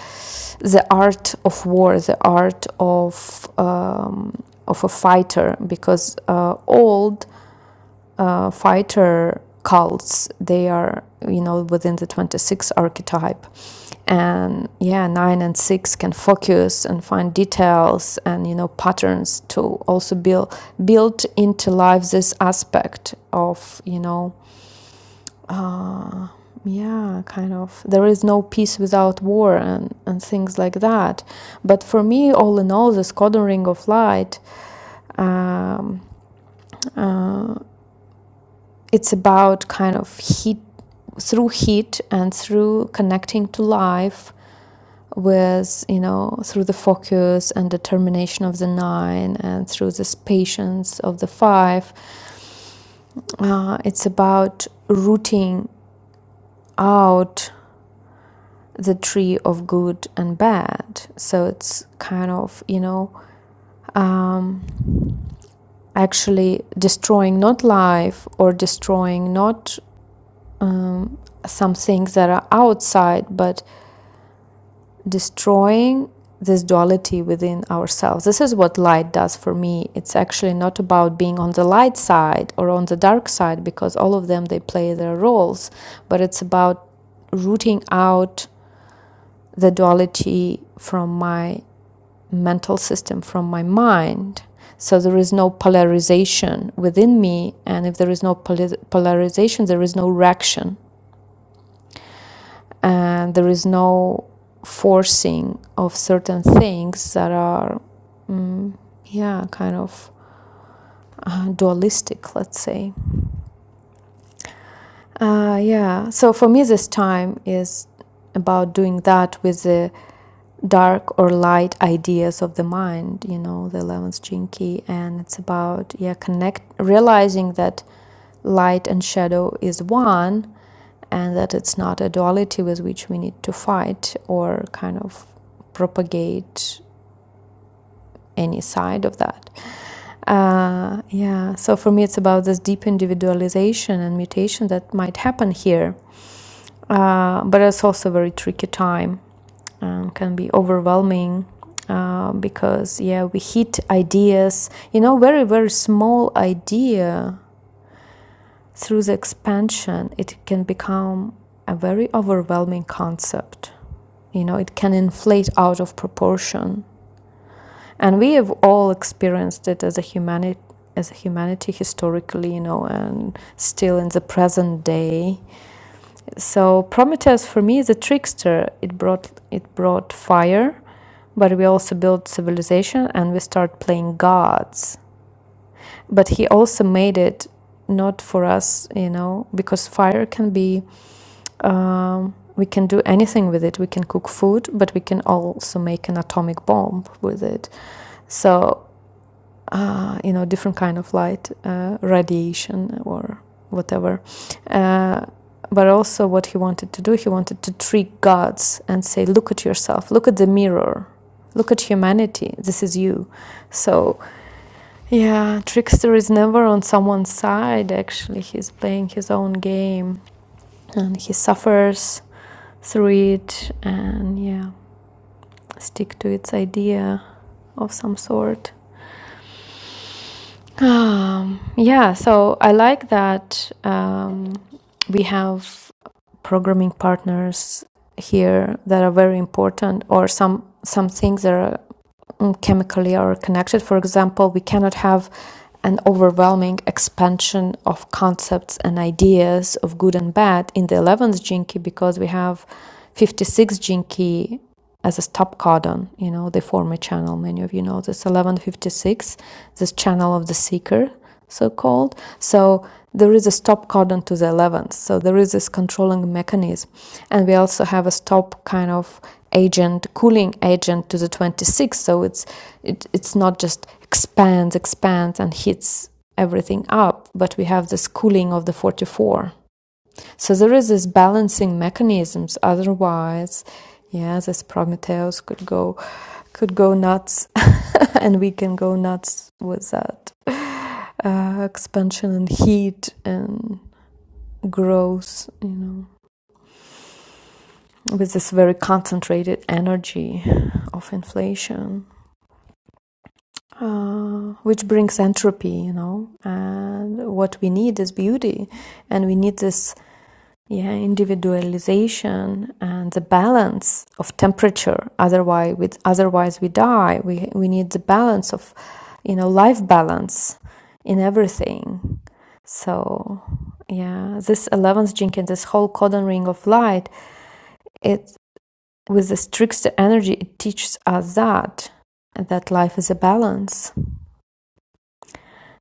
S3: the art of war the art of uh, of a fighter because uh, old uh, fighter cults they are you know within the 26 archetype and yeah 9 and 6 can focus and find details and you know patterns to also build build into life this aspect of you know uh, yeah kind of there is no peace without war and, and things like that but for me all in all this codon ring of light um, uh, it's about kind of heat through heat and through connecting to life with you know through the focus and determination of the nine and through this patience of the five uh, it's about rooting out the tree of good and bad so it's kind of you know um, actually destroying not life or destroying not um, some things that are outside but destroying this duality within ourselves. This is what light does for me. It's actually not about being on the light side or on the dark side because all of them they play their roles, but it's about rooting out the duality from my mental system, from my mind. So there is no polarization within me, and if there is no poli- polarization, there is no reaction and there is no forcing of certain things that are mm, yeah kind of uh, dualistic let's say uh, yeah so for me this time is about doing that with the dark or light ideas of the mind you know the 11th jinki and it's about yeah connect realizing that light and shadow is one and that it's not a duality with which we need to fight or kind of propagate any side of that. Uh, yeah, so for me, it's about this deep individualization and mutation that might happen here. Uh, but it's also a very tricky time and can be overwhelming uh, because, yeah, we hit ideas, you know, very, very small idea through the expansion, it can become a very overwhelming concept You know, it can inflate out of proportion. And we have all experienced it as a humanity as a humanity historically, you know, and still in the present day. So Prometheus for me is a trickster. It brought it brought fire, but we also built civilization and we start playing gods. But he also made it not for us, you know, because fire can be um, we can do anything with it. We can cook food, but we can also make an atomic bomb with it. So uh, you know, different kind of light, uh, radiation or whatever. Uh, but also, what he wanted to do, he wanted to trick gods and say, "Look at yourself. Look at the mirror. Look at humanity. This is you." So yeah, trickster is never on someone's side. Actually, he's playing his own game, and he suffers through it and yeah, stick to its idea of some sort. Um, yeah, so I like that um, we have programming partners here that are very important, or some some things that are mm, chemically are connected. For example, we cannot have an overwhelming expansion of concepts and ideas of good and bad in the 11th jinki because we have 56 jinki as a stop codon. You know, they form a channel. Many of you know this 1156, this channel of the seeker so called. So there is a stop codon to the 11th. So there is this controlling mechanism. And we also have a stop kind of agent, cooling agent to the 26th. So it's, it, it's not just expands, expands, and hits everything up, but we have this cooling of the 44. So there is this balancing mechanisms. Otherwise, yeah, this Prometheus could go could go nuts and we can go nuts with that uh, expansion and heat and growth, you know, with this very concentrated energy of inflation, uh, which brings entropy, you know. And what we need is beauty, and we need this. Yeah, individualization and the balance of temperature. Otherwise, with otherwise we die. We we need the balance of, you know, life balance in everything So, yeah, this 11th jinkin, this whole codon ring of light, it with this trickster energy, it teaches us that that life is a balance,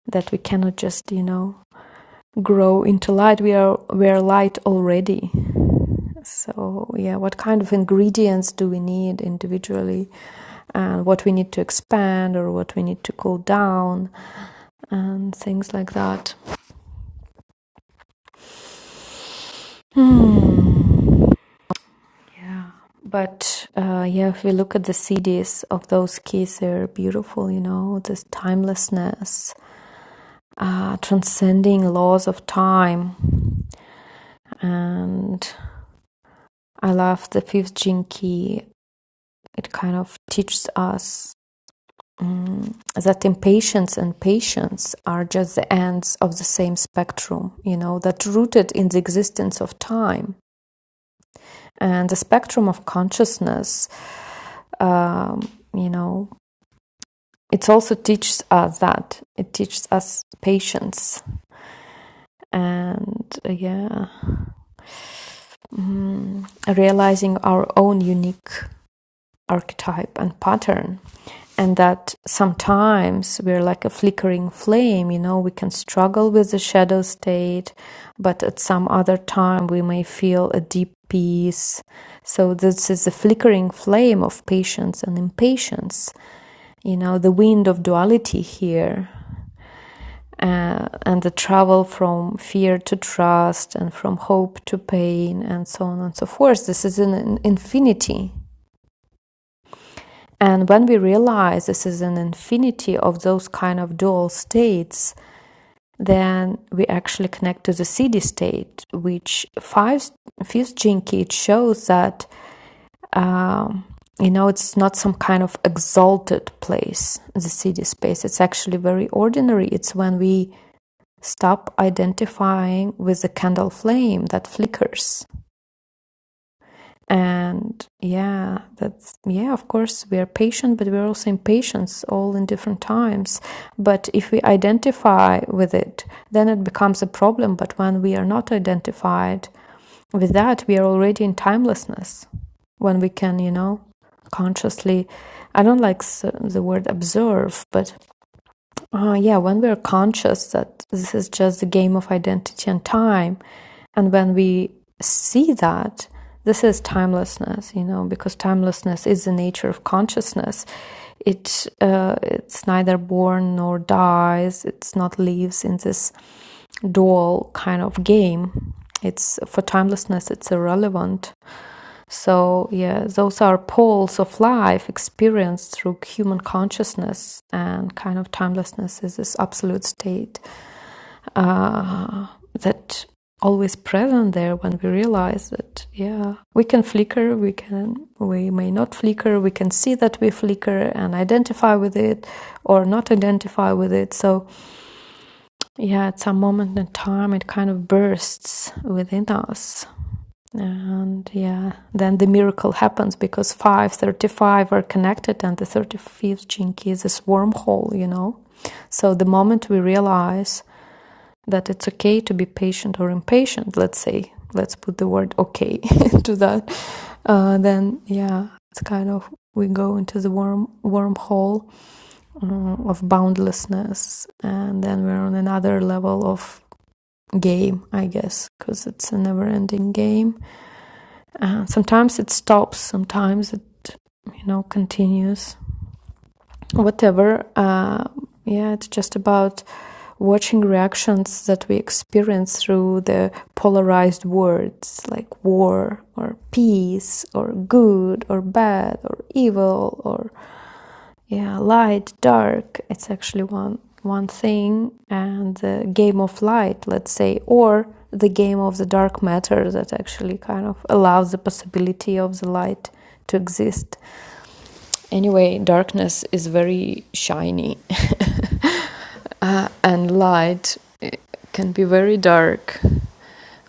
S3: that we cannot just, you know, grow into light. We are we are light already. So, yeah, what kind of ingredients do we need individually and what we need to expand or what we need to cool down and things like that. Hmm. Yeah, but uh, yeah, if we look at the CDs of those keys, they're beautiful, you know, this timelessness, uh, transcending laws of time. And I love the fifth gene key. It kind of teaches us that impatience and patience are just the ends of the same spectrum, you know, that rooted in the existence of time and the spectrum of consciousness, um, you know, it also teaches us that it teaches us patience and uh, yeah realizing our own unique archetype and pattern and that sometimes we're like a flickering flame you know we can struggle with the shadow state but at some other time we may feel a deep peace so this is the flickering flame of patience and impatience you know the wind of duality here uh, and the travel from fear to trust and from hope to pain and so on and so forth. This is an, infinity. And when we realize this is an infinity of those kind of dual states, then we actually connect to the city state, which five fifth jinki it shows that um, you know it's not some kind of exalted place, the city space. It's actually very ordinary. It's when we stop identifying with the candle flame that flickers and yeah that's yeah of course we are patient but we're also impatient all in different times but if we identify with it then it becomes a problem but when we are not identified with that we are already in timelessness when we can you know consciously i don't like the word observe but uh, yeah, when we're conscious that this is just a game of identity and time, and when we see that this is timelessness, you know, because timelessness is the nature of consciousness. It uh, it's neither born nor dies. It's not lives in this dual kind of game. It's for timelessness. It's irrelevant. So, yeah, those are poles of life experienced through human consciousness, and kind of timelessness is this absolute state uh, that always present there when we realize that yeah we can flicker we can we may not flicker we can see that we flicker and identify with it or not identify with it so yeah at some moment in time it kind of bursts within us and yeah, then the miracle happens because 535 are connected and the 35th chinki is this wormhole, you know. So the moment we realize that it's okay to be patient or impatient, let's say, let's put the word okay to that, uh, then yeah, it's kind of we go into the worm wormhole uh, of boundlessness and then we're on another level of game, I guess, because it's a never ending game uh, sometimes it stops, sometimes it you know continues. Whatever. Uh, yeah, it's just about watching reactions that we experience through the polarized words like war or peace or good or bad or evil or yeah, light, dark, it's actually one one thing, and the game of light, let's say, or the game of the dark matter that actually kind of allows the possibility of the light to exist. Anyway, darkness is very shiny, uh, and light eh, can be very dark.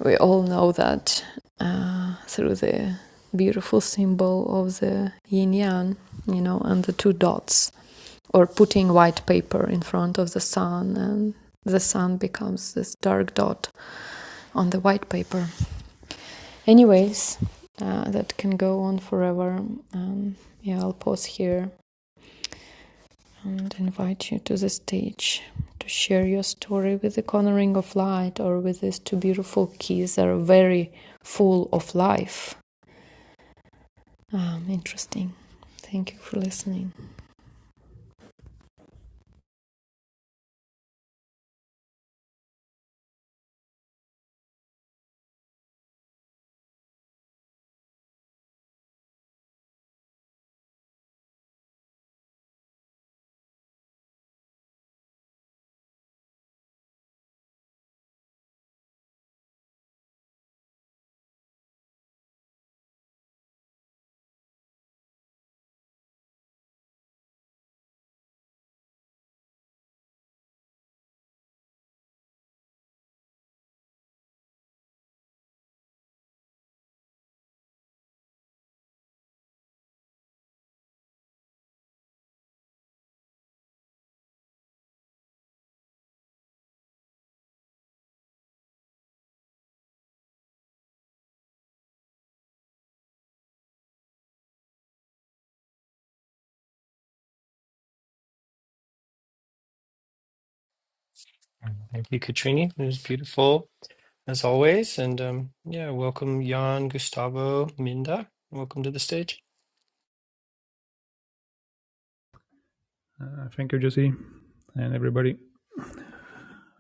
S3: We all know that uh, through the beautiful symbol of the yin yang, you know, and the two dots or putting white paper in front of the sun and the sun becomes this dark dot on the white paper anyways uh, that can go on forever um, yeah i'll pause here and invite you to the stage to share your story with the cornering of light or with these two beautiful keys that are very full of life um, interesting thank you for listening
S1: Thank you, Katrini. It was beautiful as always. And um, yeah, welcome, Jan, Gustavo, Minda. Welcome to the stage.
S4: Uh, thank you, Jesse, and everybody,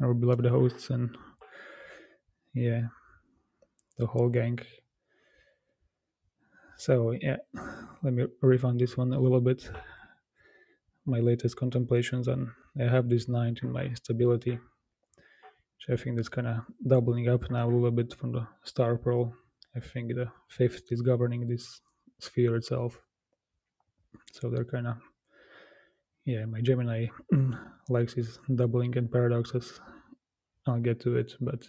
S4: our beloved hosts, and yeah, the whole gang. So yeah, let me riff on this one a little bit. My latest contemplations on I have this ninth in my stability, which I think that's kind of doubling up now a little bit from the star pearl. I think the fifth is governing this sphere itself. So they're kind of yeah. My Gemini likes his doubling and paradoxes. I'll get to it, but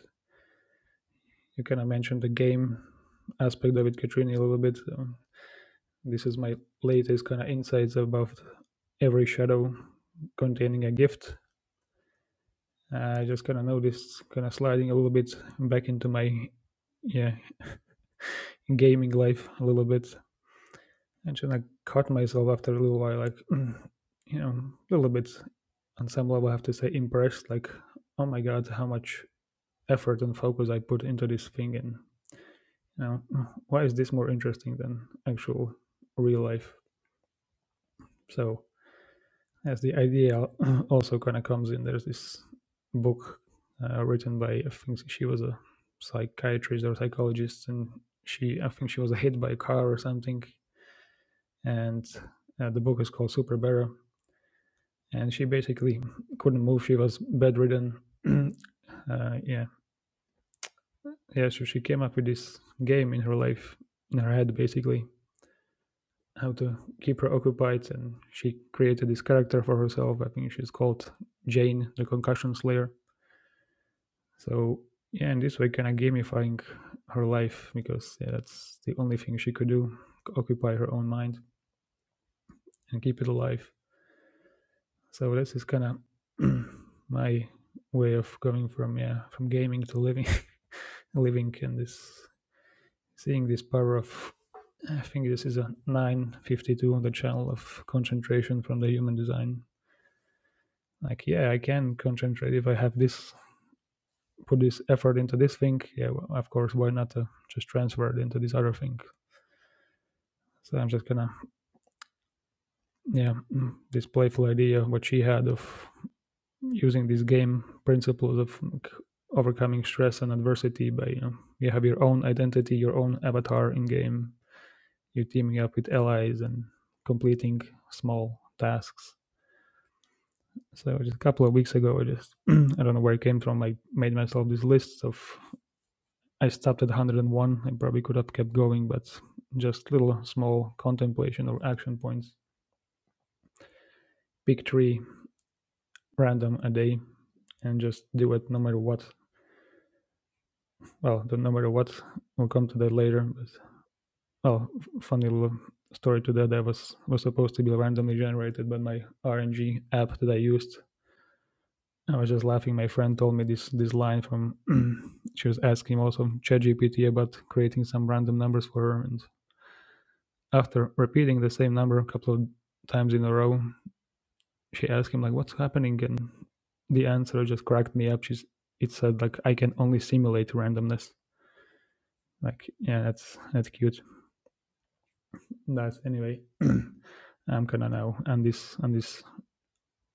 S4: you kind of mentioned the game aspect of it, Katrini, a little bit. Um, this is my latest kind of insights about every shadow containing a gift. I just kind of noticed kind of sliding a little bit back into my yeah gaming life a little bit, and then I caught myself after a little while like you know a little bit on some level I have to say impressed like oh my god how much effort and focus I put into this thing and Now, why is this more interesting than actual real life? So, as the idea also kind of comes in, there's this book uh, written by I think she was a psychiatrist or psychologist, and she I think she was hit by a car or something, and uh, the book is called Super Bearer, and she basically couldn't move. She was bedridden. uh, yeah, yeah. So she came up with this game in her life, in her head, basically, how to keep her occupied and she created this character for herself i think she's called jane the concussion slayer so yeah in this way kind of gamifying her life because yeah that's the only thing she could do occupy her own mind and keep it alive so this is kind of my way of going from yeah from gaming to living living and this seeing this power of i think this is a 952 on the channel of concentration from the human design like yeah i can concentrate if i have this put this effort into this thing yeah well, of course why not uh, just transfer it into this other thing so i'm just gonna yeah mm, this playful idea what she had of using this game principles of like, overcoming stress and adversity by you know you have your own identity your own avatar in game you're teaming up with allies and completing small tasks so just a couple of weeks ago i just i don't know where it came from i made myself these lists of I stopped at 101. I probably could have kept going, but just little small contemplation or action points. Pick three random a day and just do it no matter what. Well, the no matter what, we'll come to that later. But well, funny little story to that. That was was supposed to be randomly generated, but my RNG app that I used, I was just laughing. My friend told me this this line from she was asking also ChatGPT about creating some random numbers for her, and After repeating the same number a couple of times in a row, she asked him like, "What's happening?" And the answer just cracked me up. She's it said like, "I can only simulate randomness." Like, yeah, that's that's cute. That's anyway. I'm kinda now on this on this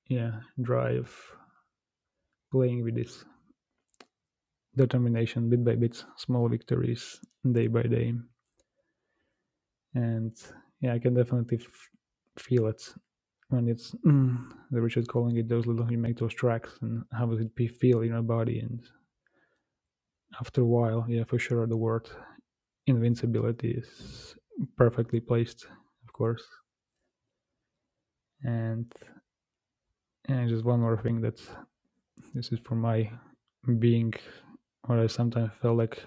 S4: yeah drive playing with this determination bit by bit, small victories day by day, and yeah, I can definitely f- feel it and it's mm, the Richard calling it those little you make those tracks and how does it be, feel in your body and after a while yeah for sure the word invincibility is perfectly placed of course and and just one more thing that this is for my being what I sometimes felt like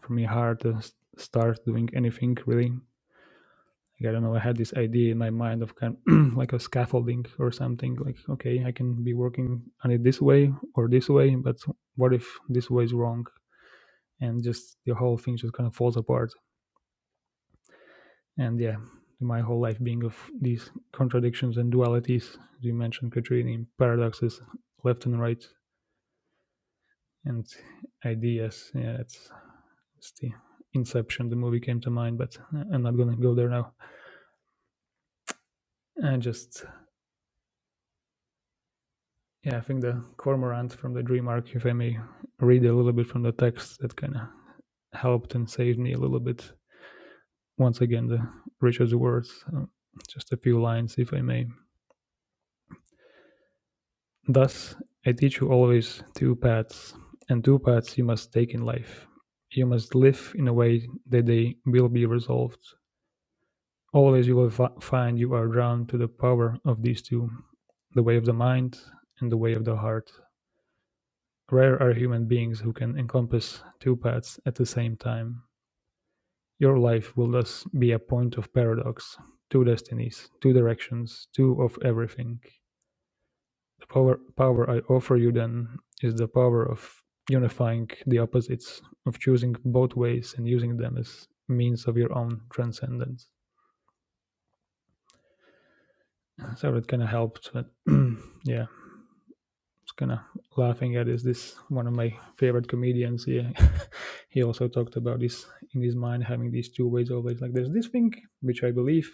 S4: for me hard to s- start doing anything really Like, I don't know. I had this idea in my mind of kind of like a scaffolding or something. Like, okay, I can be working on it this way or this way, but what if this way is wrong? And just the whole thing just kind of falls apart. And yeah, my whole life being of these contradictions and dualities, as you mentioned, Katrini, paradoxes left and right, and ideas. Yeah, it's, it's the Inception, the movie came to mind, but uh, I'm not gonna go there now. And just Yeah, I think the cormorant from the Dream Arc, if I may read a little bit from the text, that kind of helped and saved me a little bit. Once again, the Richard's words, uh, just a few lines, if I may. Thus, I teach you always two paths, and two paths you must take in life. You must live in a way that they will be resolved. Always you will fi- find you are drawn to the power of these two the way of the mind and the way of the heart. Rare are human beings who can encompass two paths at the same time. Your life will thus be a point of paradox, two destinies, two directions, two of everything. The power, power I offer you then is the power of unifying the opposites, of choosing both ways and using them as means of your own transcendence. So it kind of helped, but yeah. was kind of laughing at is this one of my favorite comedians. Yeah, he also talked about this in his mind having these two ways always. Like there's this thing which I believe,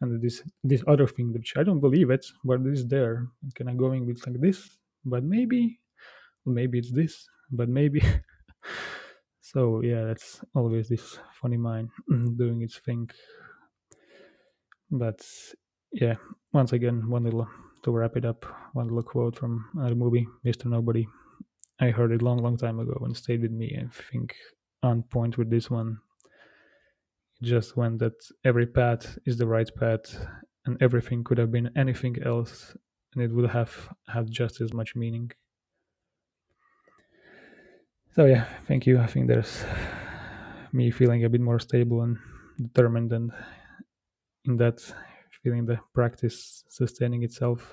S4: and this this other thing which I don't believe it, but it is there. And kind of going with like this, but maybe, maybe it's this, but maybe. so yeah, that's always this funny mind doing its thing. But yeah, once again, one little to wrap it up, one little quote from another movie, Mr. Nobody, I heard it long, long time ago and stayed with me. I think on point with this one. Just when that every path is the right path, and everything could have been anything else, and it would have had just as much meaning. So yeah, thank you. I think there's me feeling a bit more stable and determined, and in that feeling the practice sustaining itself.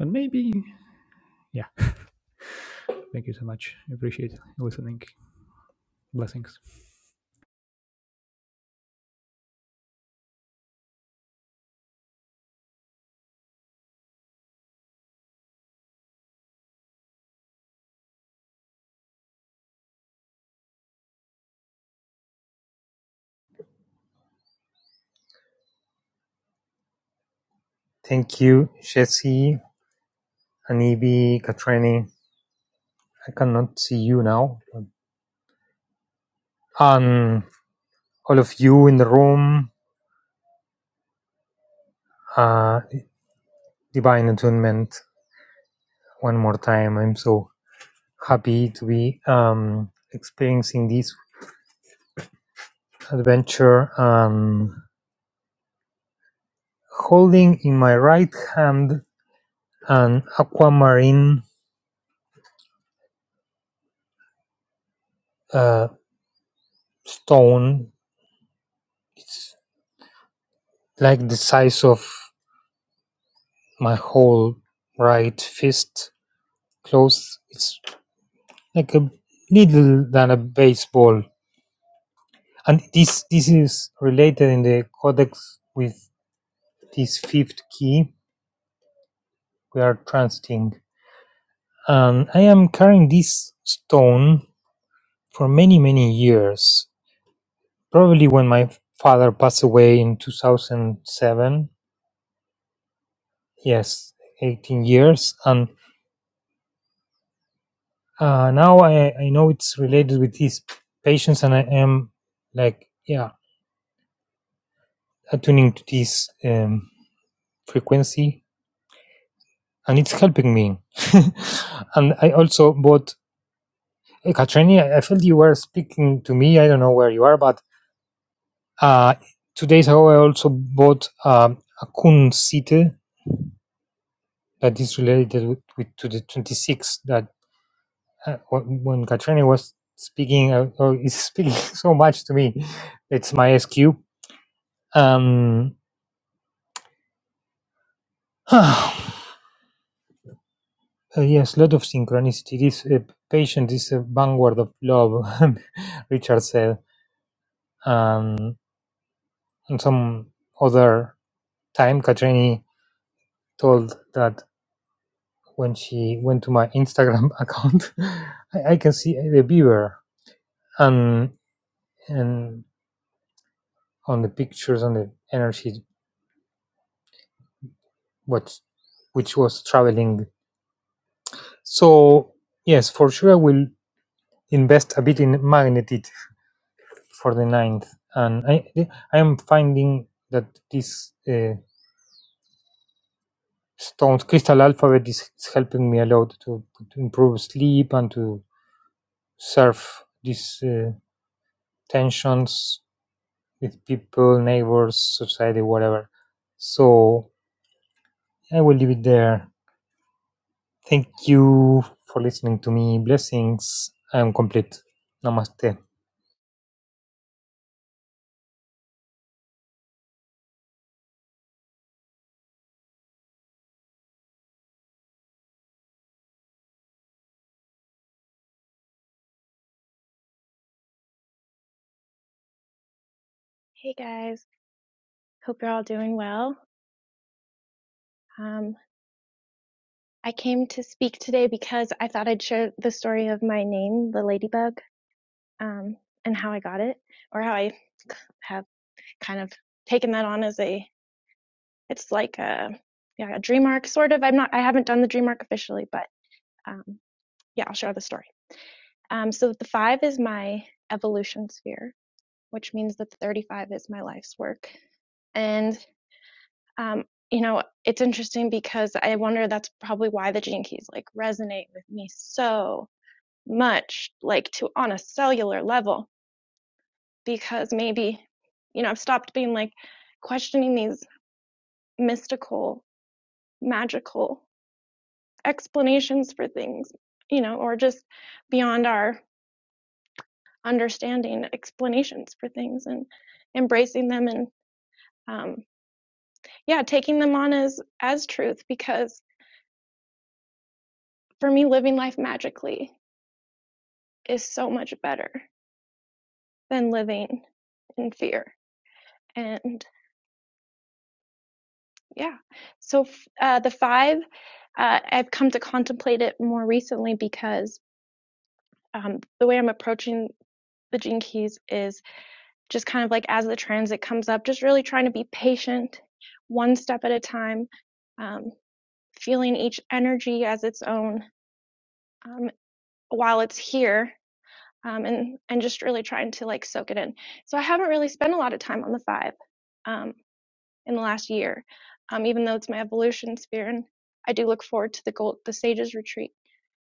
S4: And maybe, yeah. Thank you so much. I Appreciate listening. Blessings.
S5: Thank you, Jesse, Hanibi, Katrini. I cannot see you now. And all of you in the room, uh, divine attunement. One more time, I'm so happy to be um, experiencing this adventure. Um, holding in my right hand an aquamarine uh, stone. It's like the size of my whole right fist. Close. It's like a needle than a baseball. And this this is related in the codex with this fifth key we are transiting. And I am carrying this stone for many many years. Probably when my father passed away in 2007. Yes, 18 years. And uh, now I, I know it's related with these patients, and I am like yeah attuning to this um, frequency and it's helping me. and I also bought Katrini. I I felt you were speaking to me. I don't know where you are, but uh, two days ago I also bought um, a Kunsitte that is related with, with to the 26 that uh, when when Katrini was speaking, uh, or is speaking so much to me. It's my SQ. Um, Uh, yes, lot of synchronicity. This uh, patient is a vanguard of love, Richard said. Um, And some other time, Katrini told that when she went to my Instagram account, I, I can see the beaver and and on the pictures on the energy what which was traveling. So yes, for sure I will invest a bit in magnetic for the ninth, and I I am finding that this. Uh, stones crystal alphabet is, is helping me a lot to, to improve sleep and to surf these uh, tensions with people, neighbors, society, whatever. So I will leave it there. Thank you for listening to me. Blessings. I am complete. Namaste.
S6: Hey guys, hope you're all doing well. Um, I came to speak today because I thought I'd share the story of my name, the ladybug, um, and how I got it, or how I have kind of taken that on as a, it's like a, yeah, a dream arc sort of. I'm not, I haven't done the dream arc officially, but um, yeah, I'll share the story. Um, so the five is my evolution sphere, which means that the 35 is my life's work. and. Um, you know, it's interesting because I wonder that's probably why the gene keys like resonate with me so much, like to on a cellular level, because maybe, you know, I've stopped being like questioning these mystical, magical explanations for things, you know, or just beyond our understanding explanations for things and embracing them and um yeah taking them on as as truth because for me living life magically is so much better than living in fear. And yeah, so uh, the five, uh, I've come to contemplate it more recently because um, the way I'm approaching the gene keys is just kind of like as the transit comes up, just really trying to be patient, one step at a time, um, feeling each energy as its own um, while it's here. Um, and and just really trying to like soak it in. So I haven't really spent a lot of time on the five, Um, in the last year, um, even though it's my evolution sphere. And I do look forward to the gold, the Sages Retreat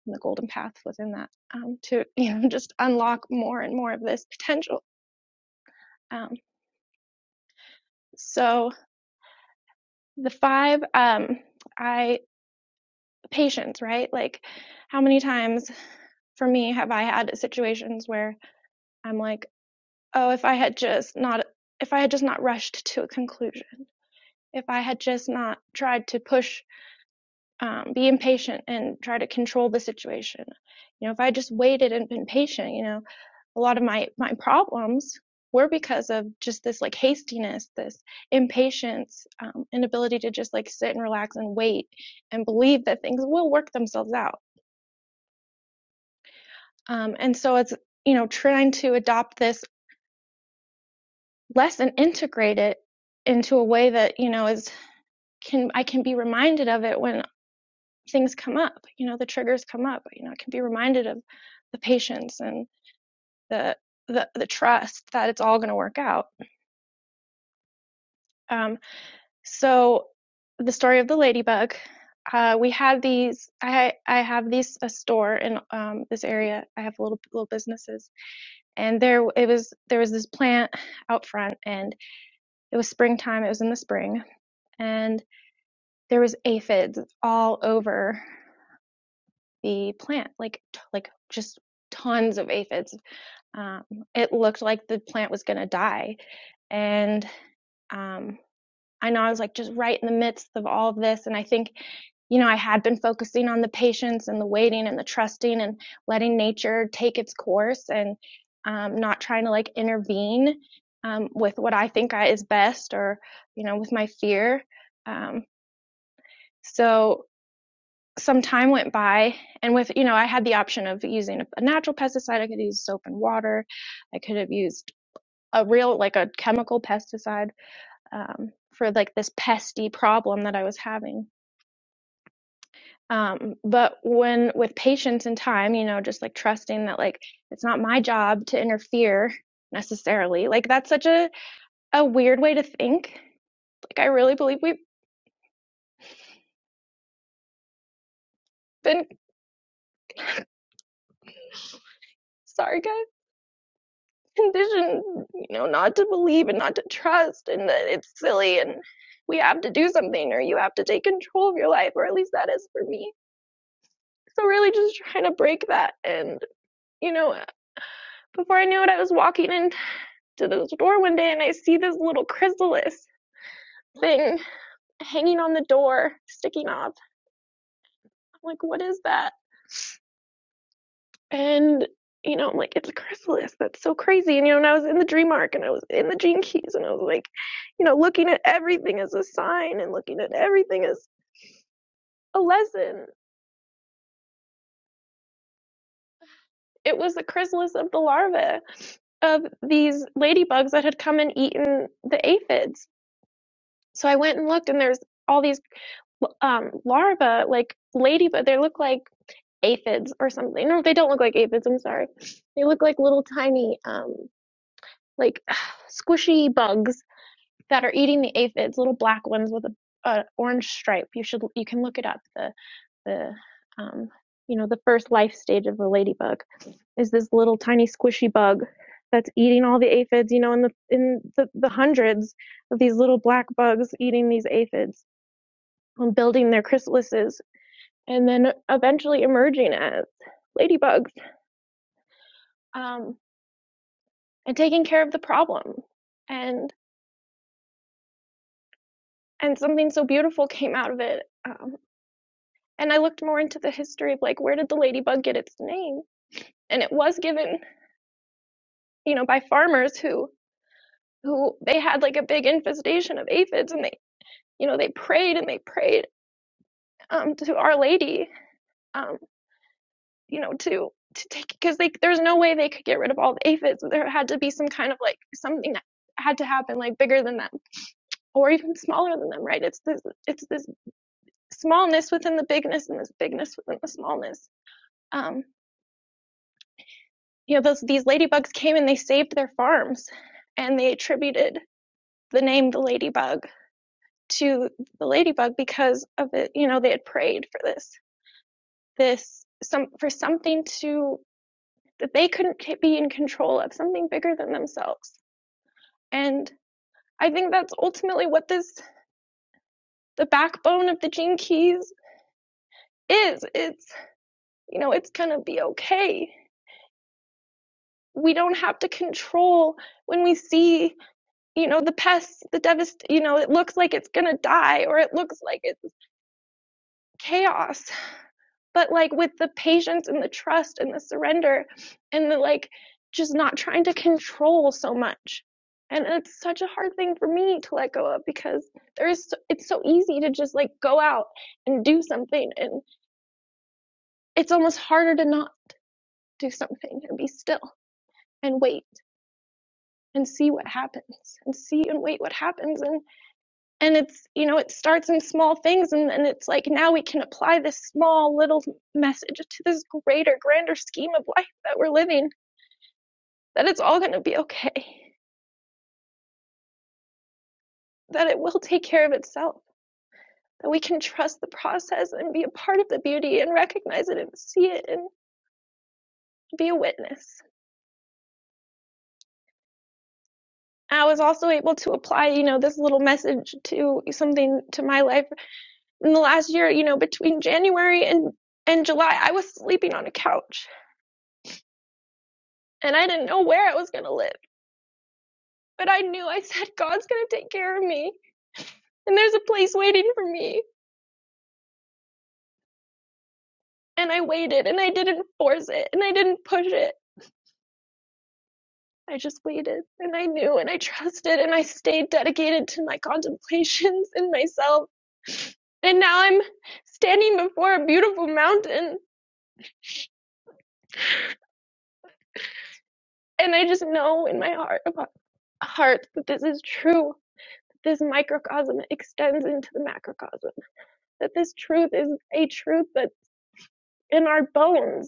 S6: and the Golden Path within that um, to, you know, just unlock more and more of this potential. Um, so the five, um, I patience, right? Like, how many times for me have I had situations where I'm like, oh, if I had just not, if I had just not rushed to a conclusion, if I had just not tried to push um, be impatient and try to control the situation. You know, if I just waited and been patient, you know, a lot of my my problems were because of just this like hastiness, this impatience, um, inability to just like sit and relax and wait and believe that things will work themselves out. Um, and so it's you know trying to adopt this lesson, integrate it into a way that you know is can I can be reminded of it when things come up you know the triggers come up you know i can be reminded of the patience and the the, the trust that it's all going to work out um, so the story of the ladybug uh, we had these i i have these a store in um, this area i have little little businesses and there it was there was this plant out front and it was springtime it was in the spring and there was aphids all over the plant like like just tons of aphids um, it looked like the plant was going to die. And um, I know I was like just right in the midst of all of this. And I think, you know, I had been focusing on the patience and the waiting and the trusting and letting nature take its course and um, not trying to like intervene um, with what I think I, is best or, you know, with my fear. Um, so some time went by and with you know i had the option of using a, a natural pesticide i could use soap and water i could have used a real like a chemical pesticide um, for like this pesty problem that I was having. Um, but when with patience and time, you know, just like trusting that like it's not my job to interfere necessarily. Like that's such a a weird way to think. Like I really believe we've been sorry guys conditioned, you know, not to believe and not to trust, and that it's silly and we have to do something or you have to take control of your life or at least that is for me so really just trying to break that and. you know, before I knew it, I was walking into the door one day and I see this little chrysalis thing hanging on the door, sticking off. I'm like, what is that? And, you know, I'm like, it's a chrysalis. That's so crazy. And, you know, and I was in the dream arc and I was in the gene keys and I was like, you know, looking at everything as a sign and looking at everything as a lesson. It was the chrysalis of the larvae of these ladybugs that had come and eaten the aphids. So I went and looked and there's all these um larvae like ladybug they look like aphids or something no they don't look like aphids i'm sorry they look like little tiny um like squishy bugs that are eating the aphids little black ones with a, a orange stripe you should you can look it up the the um you know the first life stage of a ladybug is this little tiny squishy bug that's eating all the aphids you know in the in the, the hundreds of these little black bugs eating these aphids and building their chrysalises and then eventually emerging as ladybugs um, and taking care of the problem and and something so beautiful came out of it um, and i looked more into the history of like where did the ladybug get its name and it was given you know by farmers who who they had like a big infestation of aphids and they you know they prayed and they prayed um, to our lady um, you know to to take because they there's no way they could get rid of all the aphids there had to be some kind of like something that had to happen like bigger than that or even smaller than them, right? It's this it's this smallness within the bigness and this bigness within the smallness. Um, you know, those these ladybugs came and they saved their farms, and they attributed the name the ladybug to the ladybug because of it. You know, they had prayed for this this some for something to that they couldn't be in control of, something bigger than themselves. And I think that's ultimately what this the backbone of the gene keys is. It's you know, it's gonna be okay we don't have to control when we see you know the pests the devast you know it looks like it's going to die or it looks like it's chaos but like with the patience and the trust and the surrender and the like just not trying to control so much and it's such a hard thing for me to let go of because there's it's so easy to just like go out and do something and it's almost harder to not do something and be still and wait and see what happens and see and wait what happens and. and it's you know it starts in small things and then it's like now we can apply this small little message to this greater grander scheme of life that we're living that it's all going to be okay that it will take care of itself that we can trust the process and be a part of the beauty and recognize it and see it and be a witness i was also able to apply you know this little message to something to my life in the last year you know between january and and july i was sleeping on a couch and i didn't know where i was going to live But I knew I said, God's going to take care of me. And there's a place waiting for me. And I waited and I didn't force it and I didn't push it. I just waited and I knew and I trusted and I stayed dedicated to my contemplations and myself. And now I'm standing before a beautiful mountain and I just know in my heart of heart that this is true. This microcosm extends into the macrocosm. That this truth is a truth that's in our bones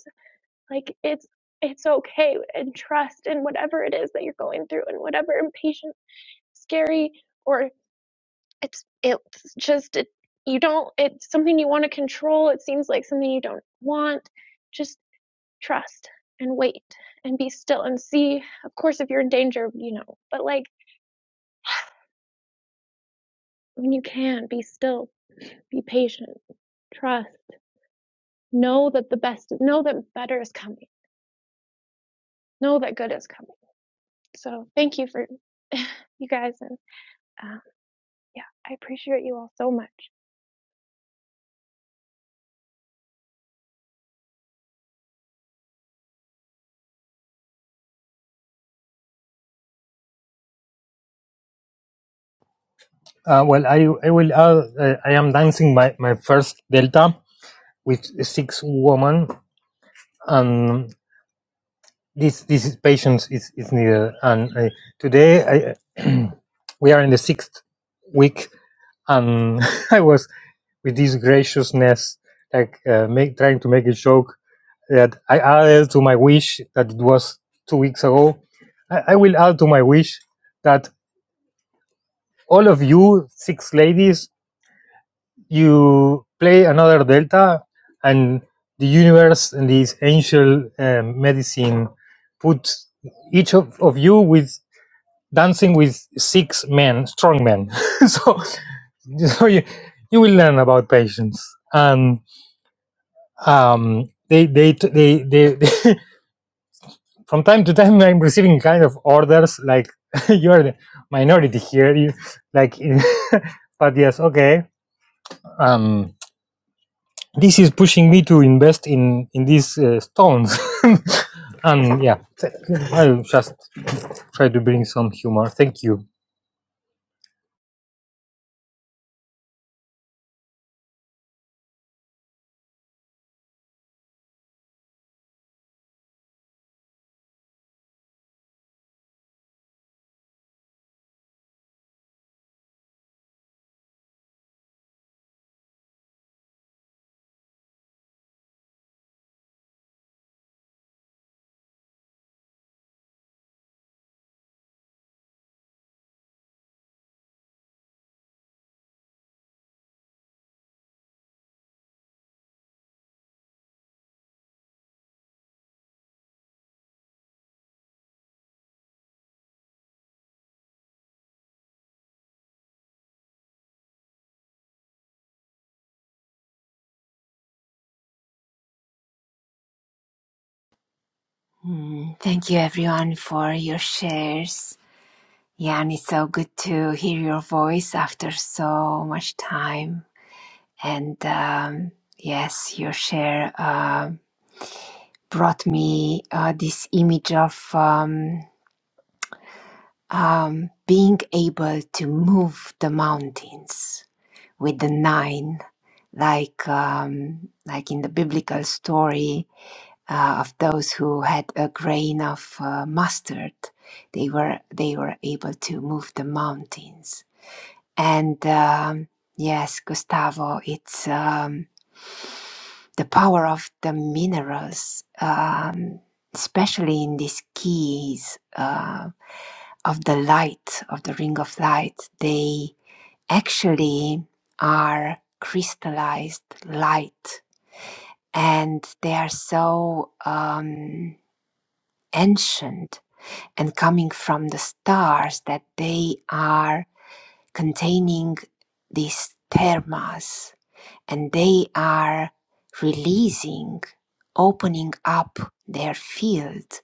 S6: Like it's it's okay and trust in whatever it is that you're going through and whatever impatient, scary or it's it's just it, you don't it's something you want to control. It seems like something you don't want. Just trust and wait and be still and see. Of course if you're in danger, you know, but like when you can be still, be patient, trust, know that the best know that better is coming. Know that good is coming. So thank you for you guys and uh, Yeah, I appreciate you all so much.
S5: Uh, well, I I will uh, uh, I am dancing my, my first delta with six women, and this this is patience is, is needed. And I, today I we are in the sixth week and I was with this graciousness, like uh, make, trying to make a joke that I added to my wish that it was two weeks ago. I, I will add to my wish that all of you six ladies, you play another Delta, and the universe and this angel um medicine put each of, of you with dancing with six men, strong men. so, so you, you will learn about patience. And um, they, they, they, they, they, from time to time, I'm receiving kind of orders like you are the minority here. You like, but yes, okay. Um, this is pushing me to invest in in these uh, stones. and yeah, I'll just try to bring some humor. Thank you.
S2: Mm, thank you everyone for your shares. Jan, it's so good to hear your voice after so much time. And um, yes, your share uh, brought me uh, this image of um, um, being able to move the mountains with the nine, like um, like in the biblical story uh, of those who had a grain of uh, mustard, they were they were able to move the mountains. And um, yes, Gustavo, it's um, the power of the minerals, um, especially in these keys. Uh, of the light, of the ring of light, they actually are crystallized light and they are so um, ancient and coming from the stars that they are containing these thermas and they are releasing, opening up their field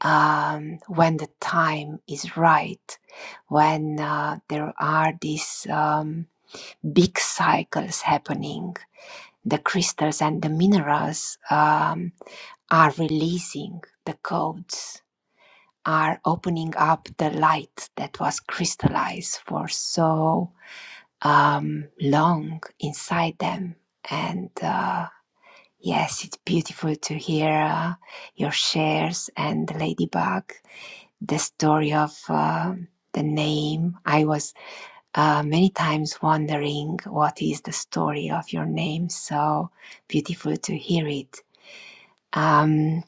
S2: um, when the time is right, when uh, there are these um, big cycles happening, the crystals and the minerals um, are releasing the codes, are opening up the light that was crystallized for so um, long inside them. And uh, yes, it's beautiful to hear uh, your shares and Ladybug the story of uh, the name. I was uh, many times wondering what is the story of your name. So beautiful to hear it. Um,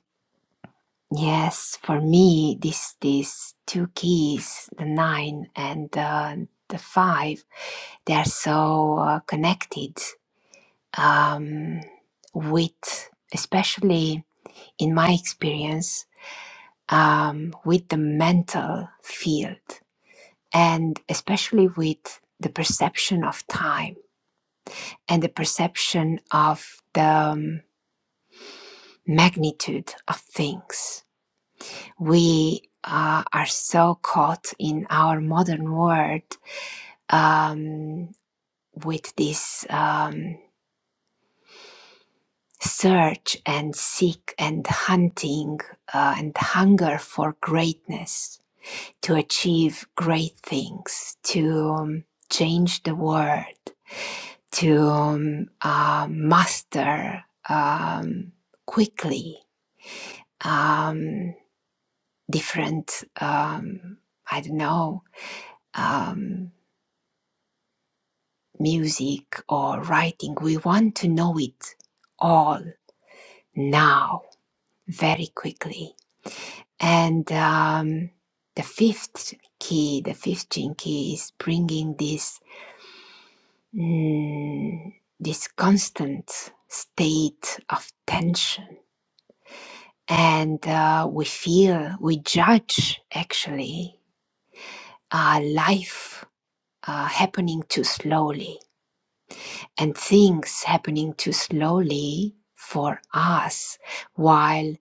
S2: yes, for me, this these two keys, the nine and uh, the five, they are so uh, connected um, with, especially in my experience, um, with the mental field and especially with the perception of time and the perception of the um, magnitude of things. We uh, are so caught in our modern world um, with this um, search and seek and hunting uh, and hunger for greatness to achieve great things, to um, change the world to um, uh, master um, quickly um, different, um, I don't know, um, music or writing. We want to know it all now, very quickly. And um, the fifth key, the fifth gene key is bringing this, mm, this constant state of tension and uh, we feel, we judge actually uh, life uh, happening too slowly and things happening too slowly for us while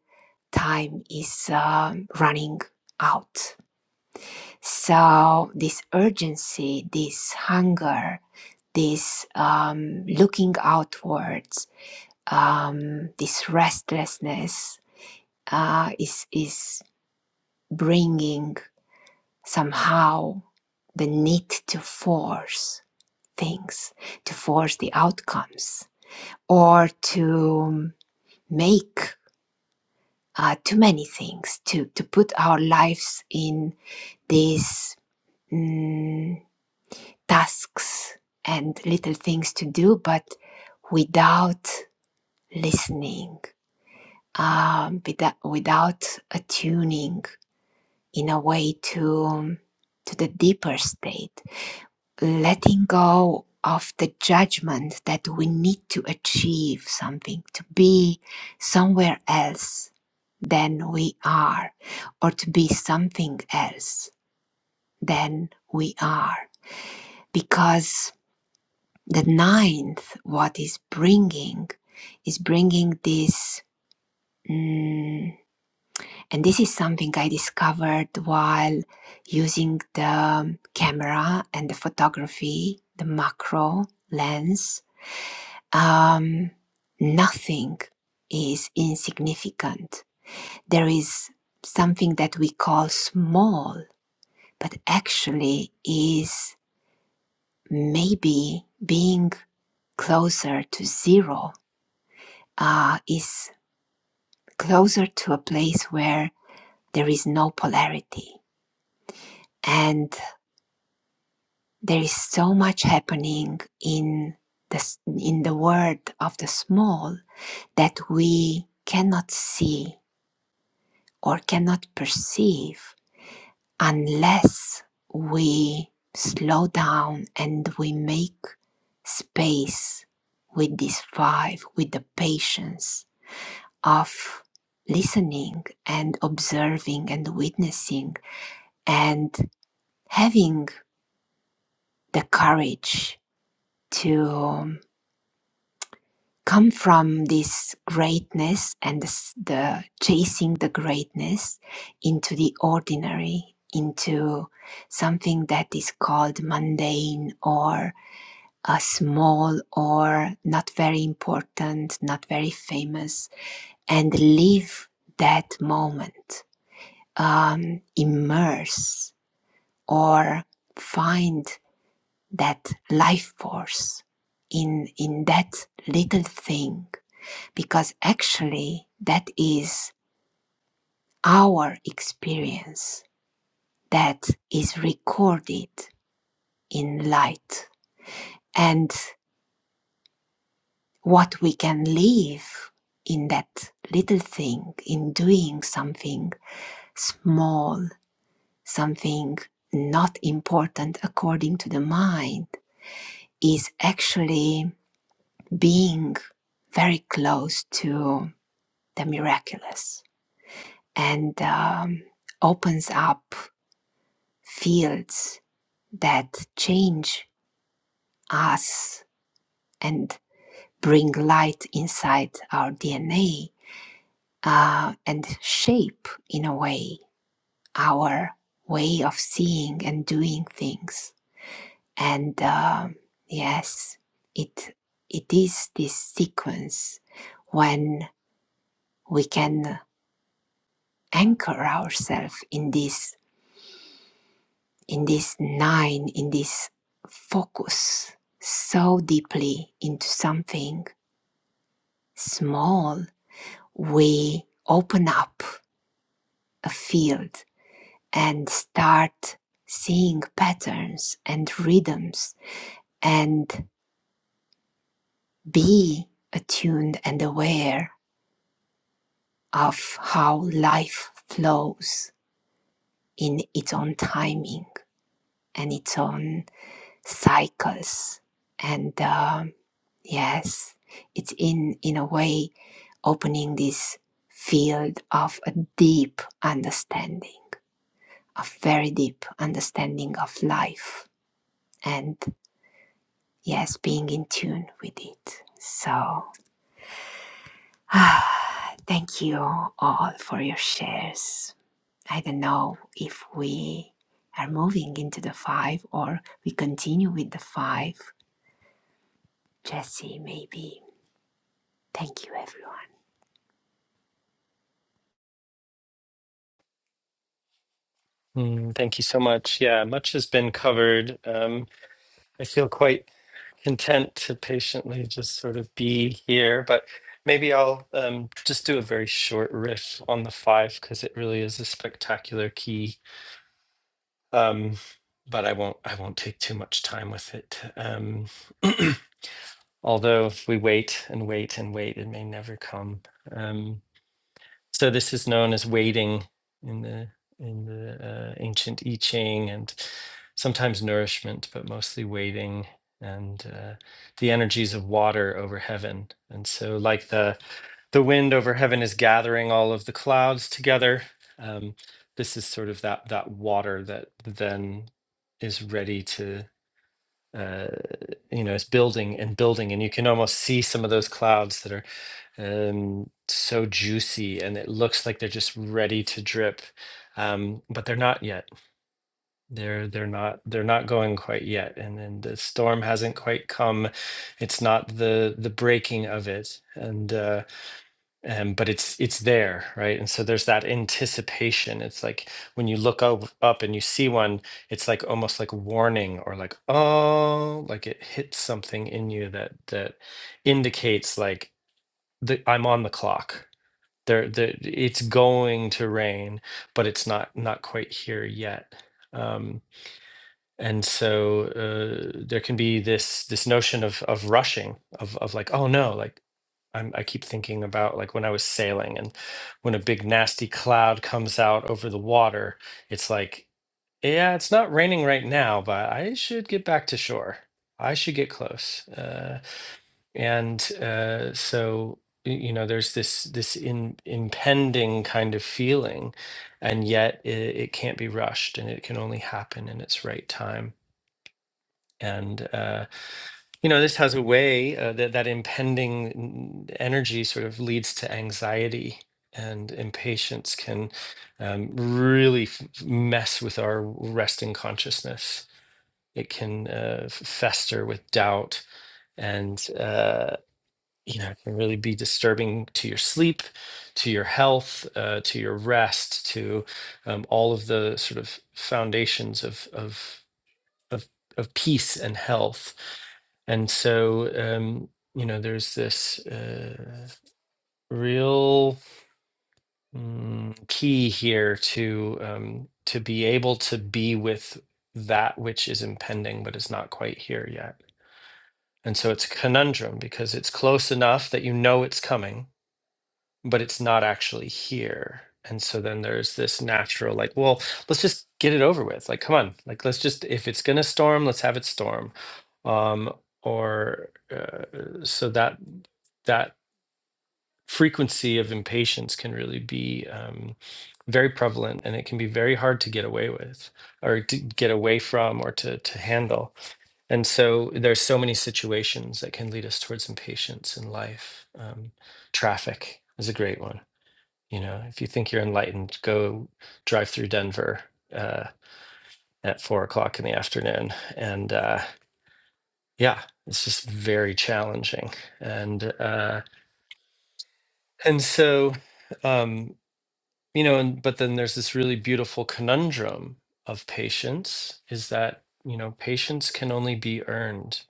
S2: time is um, running out. So, this urgency, this hunger, this um, looking outwards, um, this restlessness uh, is, is bringing somehow the need to force things, to force the outcomes, or to make uh, too many things, to, to put our lives in these mm, tasks and little things to do, but without listening, um, without, without attuning in a way to, to the deeper state letting go of the judgment that we need to achieve something, to be somewhere else than we are, or to be something else than we are. Because the ninth, what is bringing, is bringing this. mm, and this is something I discovered while using the camera and the photography, the macro lens um, nothing is insignificant. There is something that we call small, but actually is maybe being closer to zero, uh, is closer to a place where there is no polarity. And there is so much happening in the, in the world of the small that we cannot see or cannot perceive unless we slow down and we make space with these five, with the patience of listening and observing and witnessing and having the courage to come from this greatness and this- the chasing the greatness into the ordinary into something that is called mundane or uh, small or not very important, not very famous, and live that moment. Um, immerse or find that life force in in that little thing, because actually that is our experience that is recorded in light and what we can live in that little thing, in doing something small, something not important according to the mind, is actually being very close to the miraculous and um, opens up fields that change us and bring light inside our DNA uh, and shape in a way our way of seeing and doing things. And um, yes, it it is this sequence when we can anchor ourselves in this in this nine in this focus so deeply into something small we open up a field and start seeing patterns and rhythms and be attuned and aware of how life flows in its own timing and its own cycles. And um, yes, it's in, in a way opening this field of a deep understanding, a very deep understanding of life. And yes, being in tune with it. So, thank you all for your shares. I don't know if we are moving into the five or we continue with the five. Jesse, maybe. Thank you, everyone.
S1: Mm, thank you so much. Yeah, much has been covered. Um, I feel quite content to patiently just sort of be here, but maybe I'll um, just do a very short riff on the five because it really is a spectacular key. Um, but I won't. I won't take too much time with it. Um, although if we wait and wait and wait, it may never come. Um, so this is known as waiting in the in the uh, ancient I Ching, and sometimes nourishment, but mostly waiting and uh, the energies of water over heaven. And so, like the the wind over heaven is gathering all of the clouds together. Um, this is sort of that that water that then is ready to. Uh, you know, it's building and building, and you can almost see some of those clouds that are um, so juicy, and it looks like they're just ready to drip, um, but they're not yet. They're they're not they're not going quite yet, and then the storm hasn't quite come. It's not the the breaking of it, and. uh, um, but it's it's there right and so there's that anticipation it's like when you look up, up and you see one it's like almost like warning or like oh like it hits something in you that that indicates like the, i'm on the clock there the, it's going to rain but it's not not quite here yet Um, and so uh, there can be this this notion of of rushing of of like oh no like I'm, I keep thinking about like when I was sailing and when a big nasty cloud comes out over the water it's like yeah it's not raining right now but I should get back to shore I should get close uh, and uh, so y- you know there's this this in, impending kind of feeling and yet it, it can't be rushed and it can only happen in its right time and uh, you know this has a way uh, that that impending energy sort of leads to anxiety and impatience can um, really f- mess with our resting consciousness it can uh, f- fester with doubt and uh, you know it can really be disturbing to your sleep to your health uh, to your rest to um, all of the sort of foundations of of of of peace and health. And so, um, you know, there's this uh, real mm, key here to um, to be able to be with that which is impending, but is not quite here yet. And so it's a conundrum because it's close enough that you know it's coming, but it's not actually here. And so then there's this natural, like, well, let's just get it over with. Like, come on, like, let's just, if it's going to storm, let's have it storm. Um, or uh, so that, that frequency of impatience can really be um, very prevalent and it can be very hard to get away with or to get away from or to, to handle. And so there's so many situations that can lead us towards impatience in life. Um, traffic is a great one you know, if you think you're enlightened, go drive through Denver uh, at four o'clock in the afternoon. And uh, yeah, it's just very challenging. And uh, and so, um, you know, and but then there's this really beautiful conundrum of patience is that you know patience can only be earned.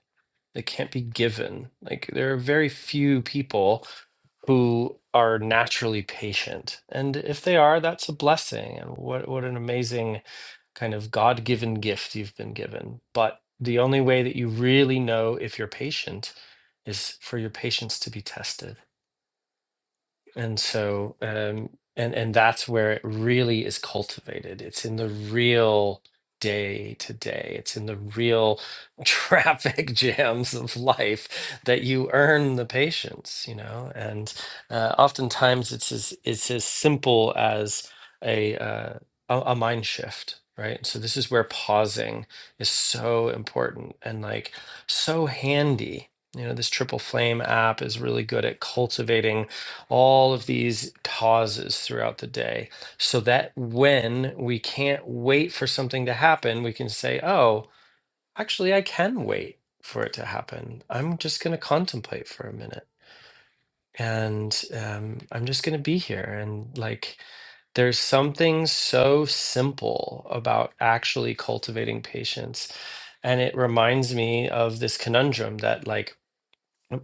S1: It can't be given. Like there are very few people who are naturally patient, and if they are, that's a blessing. And what what an amazing kind of God given gift you've been given. But the only way that you really know if you're patient is for your patience to be tested and so um and and that's where it really is cultivated it's in the real day to day it's in the real traffic jams of life that you earn the patience you know and uh, oftentimes it's as it's as simple as a uh, a, a mind shift right so this is where pausing is so important and like so handy you know this triple flame app is really good at cultivating all of these pauses throughout the day so that when we can't wait for something to happen, we can say, oh, actually, I can wait for it to happen. I'm just going to contemplate for a minute and um, I'm just going to be here. And like, there's something so simple about actually cultivating patience. And it reminds me of this conundrum that, like,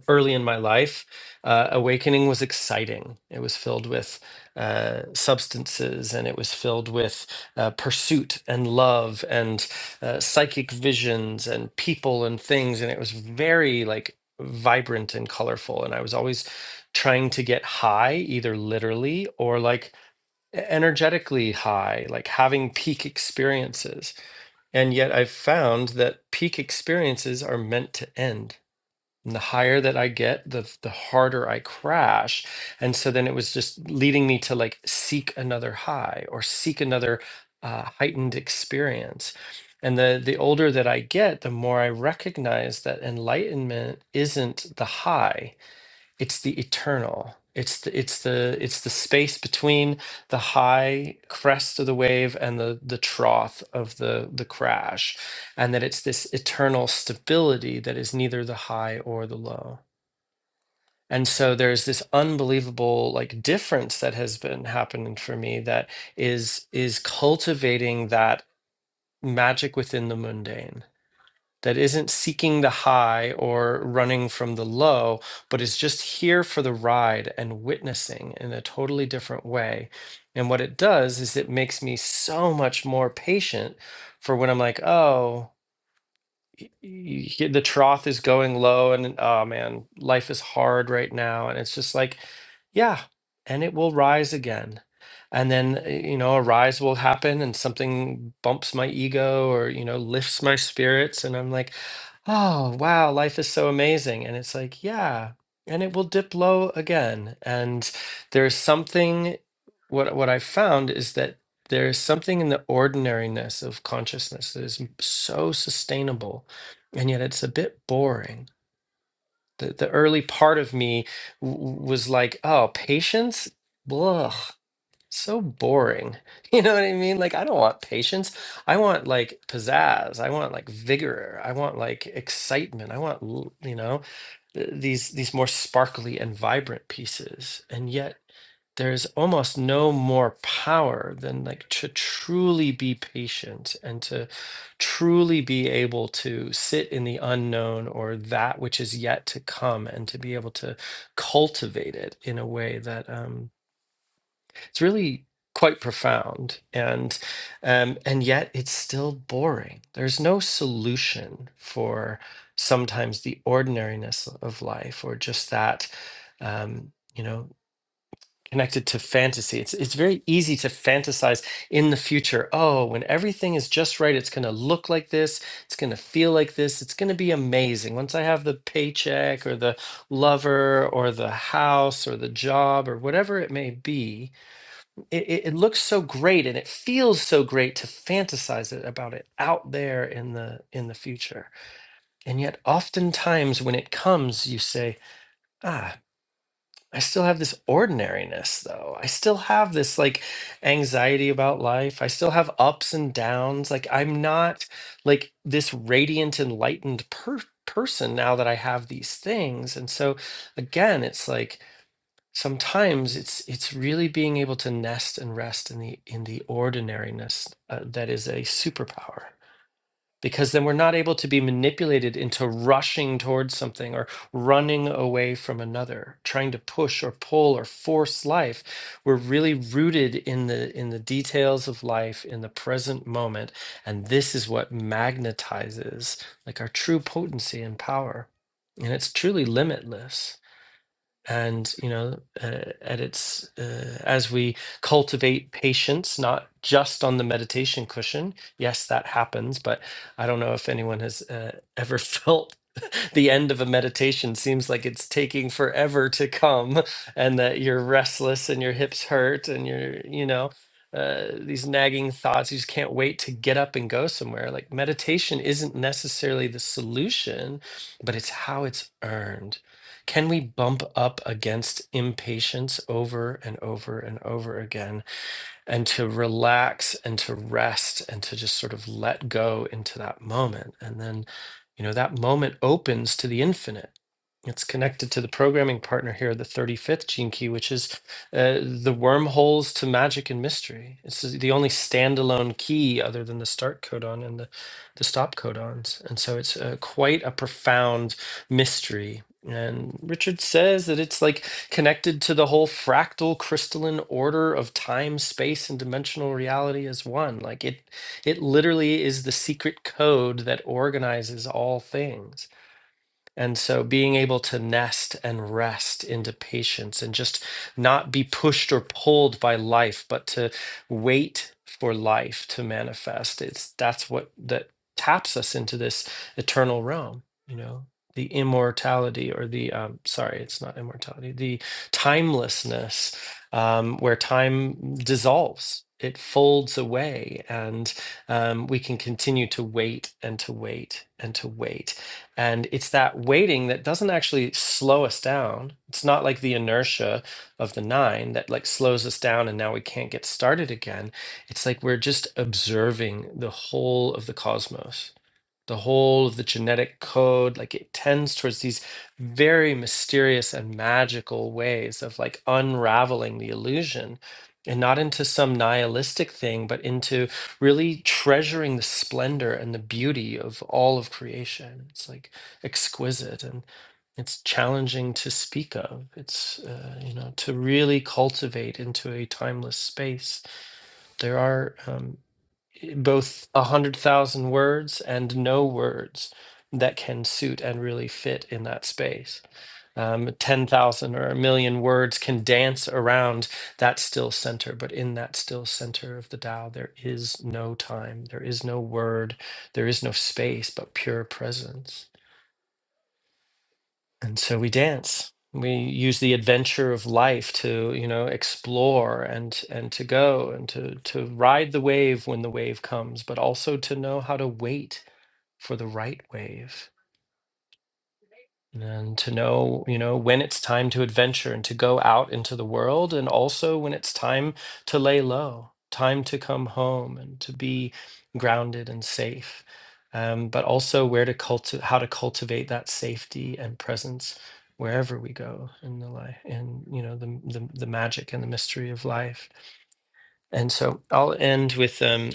S1: early in my life, uh, awakening was exciting. It was filled with uh, substances and it was filled with uh, pursuit and love and uh, psychic visions and people and things. And it was very like vibrant and colorful. And I was always trying to get high, either literally or like e-, energetically high, like having peak experiences. And yet I've found that peak experiences are meant to end and the higher that I get, the the harder I crash. And so then it was just leading me to like seek another high or seek another uh, heightened experience. And the the older that I get, the more I recognize that enlightenment isn't the high it's the eternal it's the it's the it's the space between the high crest of the wave and the the trough of the the crash and that it's this eternal stability that is neither the high or the low and so there's this unbelievable like difference that has been happening for me that is is cultivating that magic within the mundane that isn't seeking the high or running from the low, but is just here for the ride and witnessing in a totally different way. And what it does is it makes me so much more patient for when I'm like, oh, y- you the trough is going low and oh man life is hard right now and it's just like yeah and it will rise again and then uh, you know a rise will happen and something bumps my ego or you know lifts my spirits and i'm like oh wow life is so amazing and it's like yeah and it will dip low again and there's something what what i found is that there is something in the ordinariness of consciousness that is m- so sustainable and yet it's a bit boring. The the early part of me w- was like, oh, patience? Blah so boring. You know what I mean? Like, I don't want patience. I want like pizzazz. I want like vigor. I want like excitement. I want, l- you know, th- these these more sparkly and vibrant pieces. And yet there's almost no more power than like to truly be patient and to truly be able to sit in the unknown or that which is yet to come and to be able to cultivate it in a way that um it's really quite profound, and um, and yet it's still boring. There's no solution for sometimes the ordinariness of life, or just that, um, you know, connected to fantasy. It's it's very easy to fantasize in the future. Oh, when everything is just right, it's going to look like this. It's going to feel like this. It's going to be amazing. Once I have the paycheck, or the lover, or the house, or the job, or whatever it may be it, it, it looks so great and it feels so great to fantasize it about it out there in the in the future and yet oftentimes when it comes you say ah i still have this ordinariness though i still have this like anxiety about life i still have ups and downs like i'm not like this radiant enlightened per- person now that i have these things and so again it's like sometimes it's it's really being able to nest and rest in the in the ordinariness uh, that is a superpower because then we're not able to be manipulated into rushing towards something or running away from another trying to push or pull or force life we're really rooted in the in the details of life in the present moment and this is what magnetizes like our true potency and power and it's truly limitless and you know uh, at its uh, as we cultivate patience not just on the meditation cushion yes that happens but i don't know if anyone has uh, ever felt the end of a meditation seems like it's taking forever to come and that you're restless and your hips hurt and you're, you know, uh, these nagging thoughts. You just can't wait to get up and go somewhere. Like meditation isn't necessarily the solution, but it's how it's earned. Can we bump up against impatience over and over and over again? and to relax and to rest and to just sort of let go into that moment. And then, you know, that moment opens to the infinite. It's connected to the programming partner here, the 35th gene key, which is uh, the wormholes to magic and mystery. It's the only standalone key other than the start codon and the, the stop codons. And so it's uh, quite a profound mystery. And Richard says that it's like connected to the whole fractal crystalline order of time, space, and dimensional reality as one. Like it, it literally is the secret code that organizes all things. And so being able to nest and rest into patience and just not be pushed or pulled by life, but to wait for life to manifest. It's that's what that taps us into this eternal realm, you know, the immortality or the um sorry, it's not immortality, the timelessness um where time dissolves. It folds away, and um, we can continue to wait and to wait and to wait and it's that waiting that doesn't actually slow us down. It's not like the inertia of the nine that like slows us down and now we can't get started again. It's like we're just observing the whole of the cosmos the whole of the genetic code like it tends towards these very mysterious and magical ways of like unraveling the illusion and not into some nihilistic thing but into really treasuring the splendor and the beauty of all of creation it's like exquisite and it's challenging to speak of it's uh, you know to really cultivate into a timeless space there are um, both a hundred thousand words and no words that can suit and really fit in that space. Um, ten thousand or a million words can dance around that still center, but in that still center of the Tao, there is no time, there is no word, there is no space, but pure presence. And so we dance. We use the adventure of life to, you know, explore and and to go and to to ride the wave when the wave comes, but also to know how to wait for the right wave and to know you know when it's time to adventure and to go out into the world and also when it's time to lay low time to come home and to be grounded and safe um, but also where to culti- how to cultivate that safety and presence wherever we go in the life in you know the, the the magic and the mystery of life and so I'll end with um,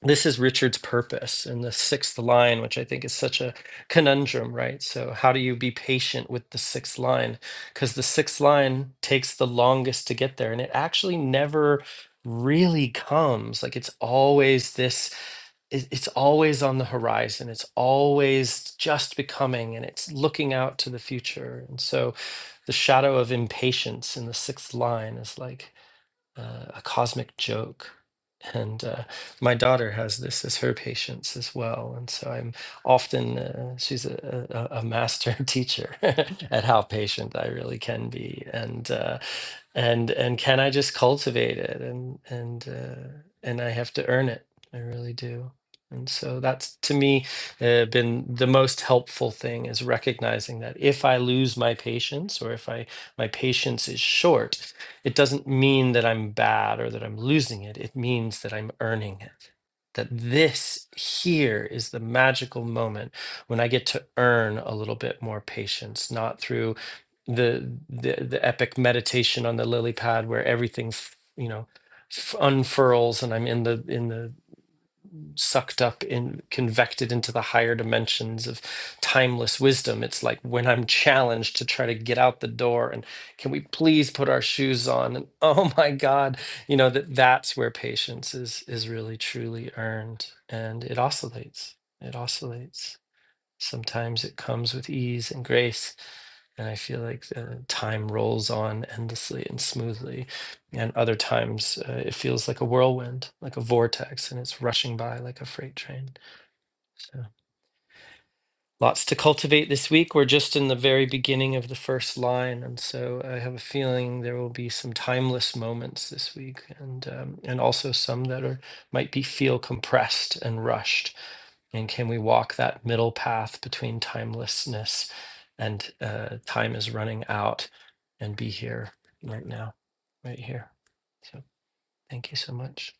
S1: this is Richard's purpose in the sixth line, which I think is such a conundrum, right? So, how do you be patient with the sixth line? Because the sixth line takes the longest to get there, and it actually never really comes. Like, it's always this it- it's always on the horizon. It's always just becoming and it's looking out to the future. And so the shadow of impatience in the sixth line is like, uh, a cosmic joke. And uh, my daughter has this as her patience as well. And so I'm often, uh, she's a, a, a master teacher at how patient I really can be. And, uh, and, and can I just cultivate it? And, and, uh, and I have to earn it. I really do. And so that's to me uh, been the most helpful thing is recognizing that if I lose my patience or if I my patience is short, it doesn't mean that I'm bad or that I'm losing it. It means that I'm earning it. That this here is the magical moment when I get to earn a little bit more patience, not through the the, the epic meditation on the lily pad where everything, f- you know, f- unfurls and I'm in the in the sucked up and convected into the higher dimensions of timeless wisdom. It's like when I'm challenged to try to get out the door and can we please put our shoes on? And oh my God, you know that that's where patience is is really truly earned, and it oscillates. It oscillates. Sometimes it comes with ease and grace. And I feel like uh, time rolls on endlessly and smoothly. And other times uh, it feels like a whirlwind, like a vortex, and it's rushing by like a freight train. So lots to cultivate this week. We're just in the very beginning of the first line. And so I have a feeling there will be some timeless moments this week and um, and also some that are might be feel compressed and rushed and can we walk that middle path between timelessness and uh, time is running out and be here right now, right here? So thank you so much.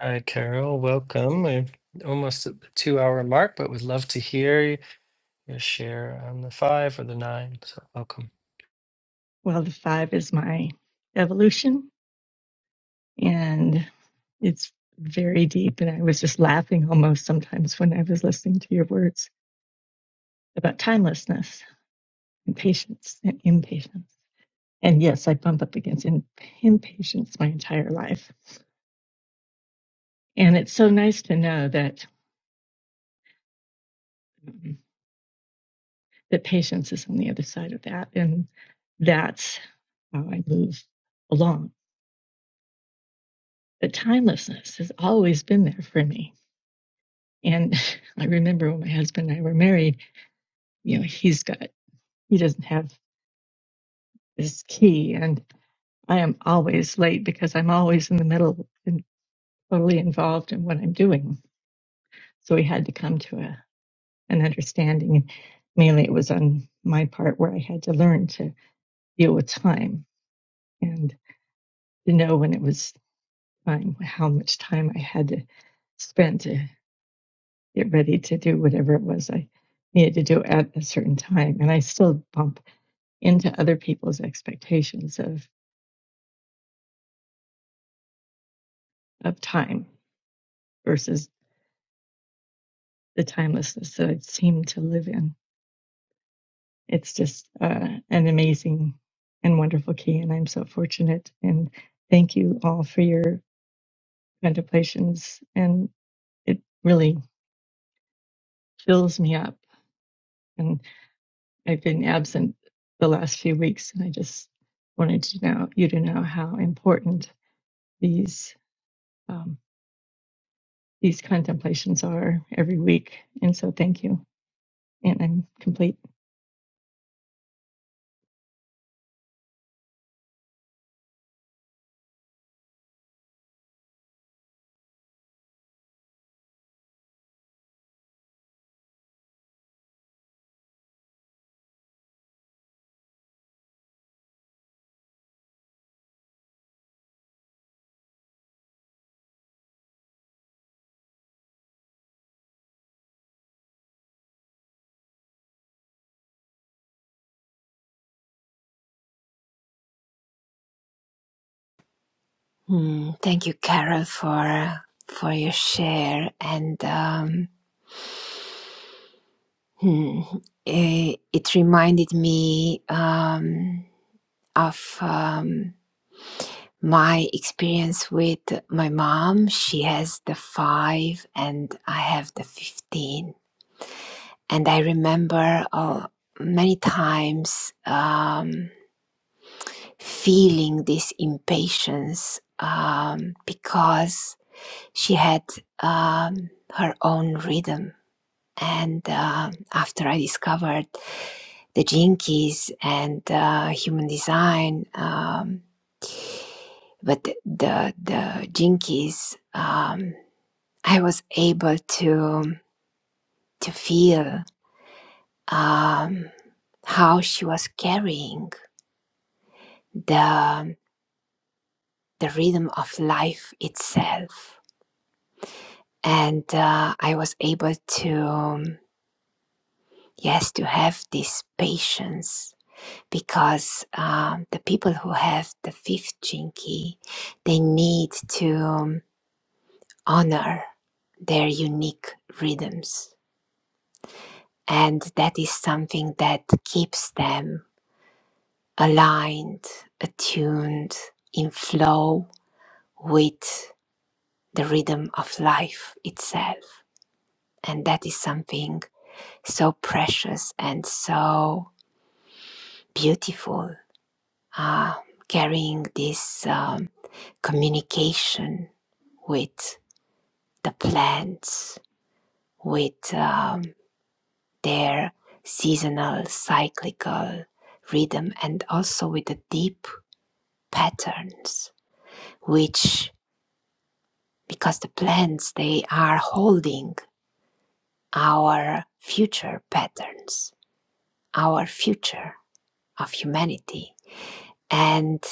S1: All right, Carol, welcome.
S7: Okay.
S1: We're almost at the two hour mark, but would love to hear your share on the five or the nine. So welcome.
S7: Well, the five is my evolution, and it's very deep. And I was just laughing almost sometimes when I was listening to your words about timelessness and patience and impatience. And yes, I bump up against in, impatience my entire life. And it's so nice to know that um, that patience is on the other side of that, and that's how I move along. But timelessness has always been there for me And I remember when my husband and I were married, you know, he's got, he doesn't have this key. And I am always late because I'm always in the middle and totally involved in what I'm doing. So we had to come to a, an understanding. And Mainly it was on my part where I had to learn to deal with time and to know when it was time, how much time I had to spend to get ready to do whatever it was I needed to do at a certain time. And I still bump into other people's expectations of of time versus the timelessness that I seem to live in. It's just uh, an amazing and wonderful key, and I'm so fortunate. And thank you all for your contemplations, and it really fills me up. And I've been absent the last few weeks, and I just wanted to know you to know how important these um, these contemplations are every week. And so, thank you, and I'm complete.
S2: Hmm, thank you, Carol, for for your share. And um, hmm, eh, it reminded me um, of um, my experience with my mom. She has the five, and I have the fifteen And I remember uh, many times um, feeling this impatience um, because she had um, her own rhythm. And uh, after I discovered the gene keys and uh, human design, um, but the the, the gene keys, um, I was able to to feel um, how she was carrying the the rhythm of life itself and uh, i was able to um, yes to have this patience because um, the people who have the fifth jinki they need to um, honor their unique rhythms and that is something that keeps them aligned attuned in flow with the rhythm of life itself And that is something so precious and so beautiful, uh, carrying this um, communication with the plants, with um, their seasonal, cyclical rhythm, and also with the deep patterns, which, because the plants, they are holding our future patterns, our future of humanity. And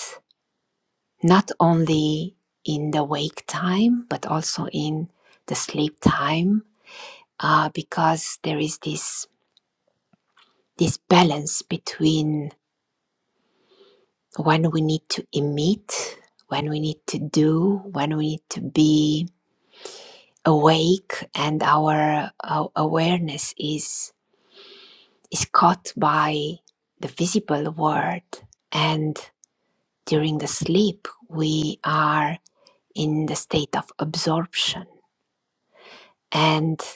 S2: not only in the wake time, but also in the sleep time, uh, because there is this, this balance between when we need to emit, when we need to do, when we need to be awake, and our, our awareness is, is caught by the visible world. And during the sleep, we are in the state of absorption. And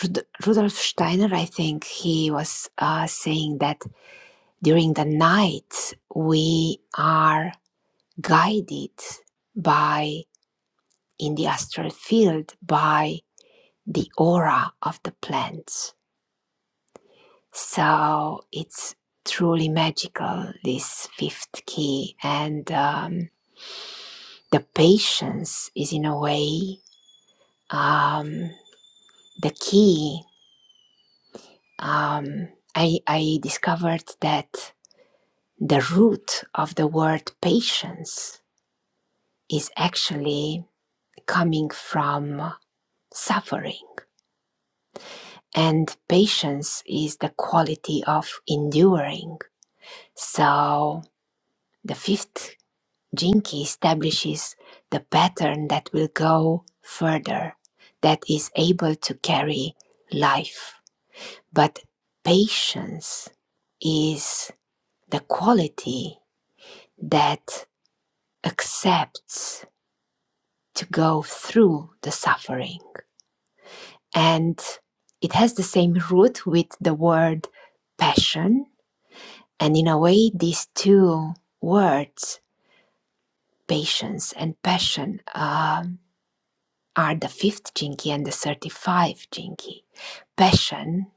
S2: Rud- Rudolf Steiner, I think he was uh, saying that during the night we are guided by, in the astral field, by the aura of the plants. So it's truly magical, this fifth key. And um, the patience is, in a way, um, the key. Um, I, I discovered that the root of the word patience is actually coming from suffering. And patience is the quality of enduring. So the fifth jinki establishes the pattern that will go further, that is able to carry life. But patience is the quality that accepts to go through the suffering. And it has the same root with the word passion. And in a way, these two words, patience and passion, um, are the fifth jinki and the 35 jinki. Passion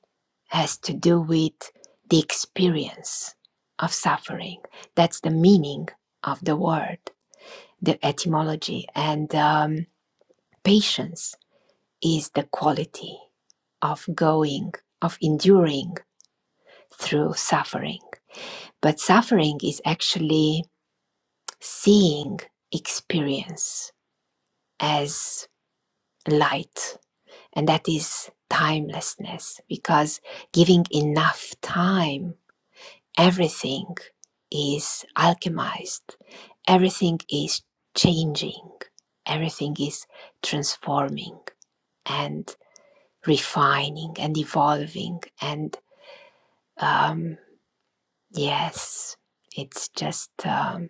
S2: has to do with the experience of suffering. That's the meaning of the word, the etymology. And um, patience is the quality of going, of enduring through suffering. But suffering is actually seeing experience as light, and that is timelessness because giving enough time, everything is alchemized, everything is changing, everything is transforming and refining and evolving and Um, yes, it's just um,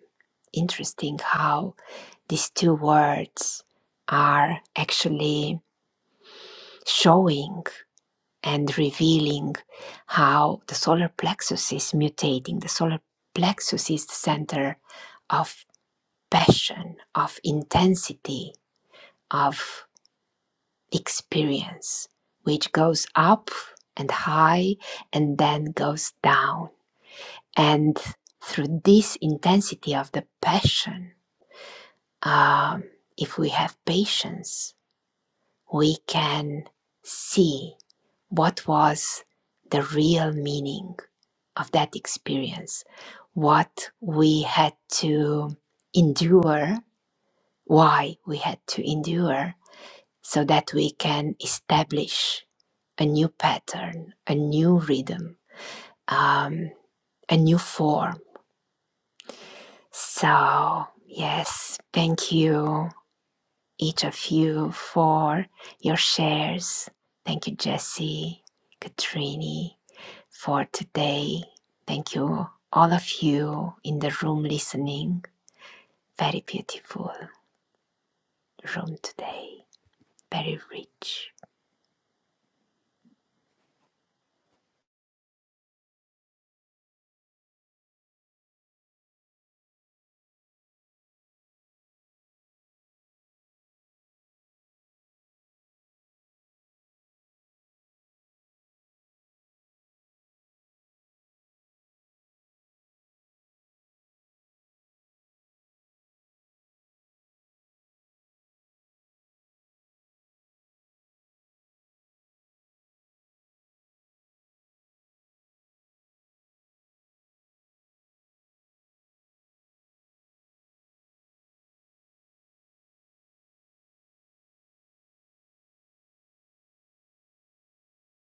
S2: interesting how these two words are actually showing and revealing how the solar plexus is mutating. The solar plexus is the center of passion, of intensity, of experience, which goes up and high and then goes down And through this intensity of the passion, um, if we have patience, we can see what was the real meaning of that experience, what we had to endure, why we had to endure, so that we can establish a new pattern, a new rhythm, um, a new form So, yes, thank you, each of you, for your shares. Thank you, Jesse, Katrini, for today. Thank you, all of you in the room listening. Very beautiful room today, very rich.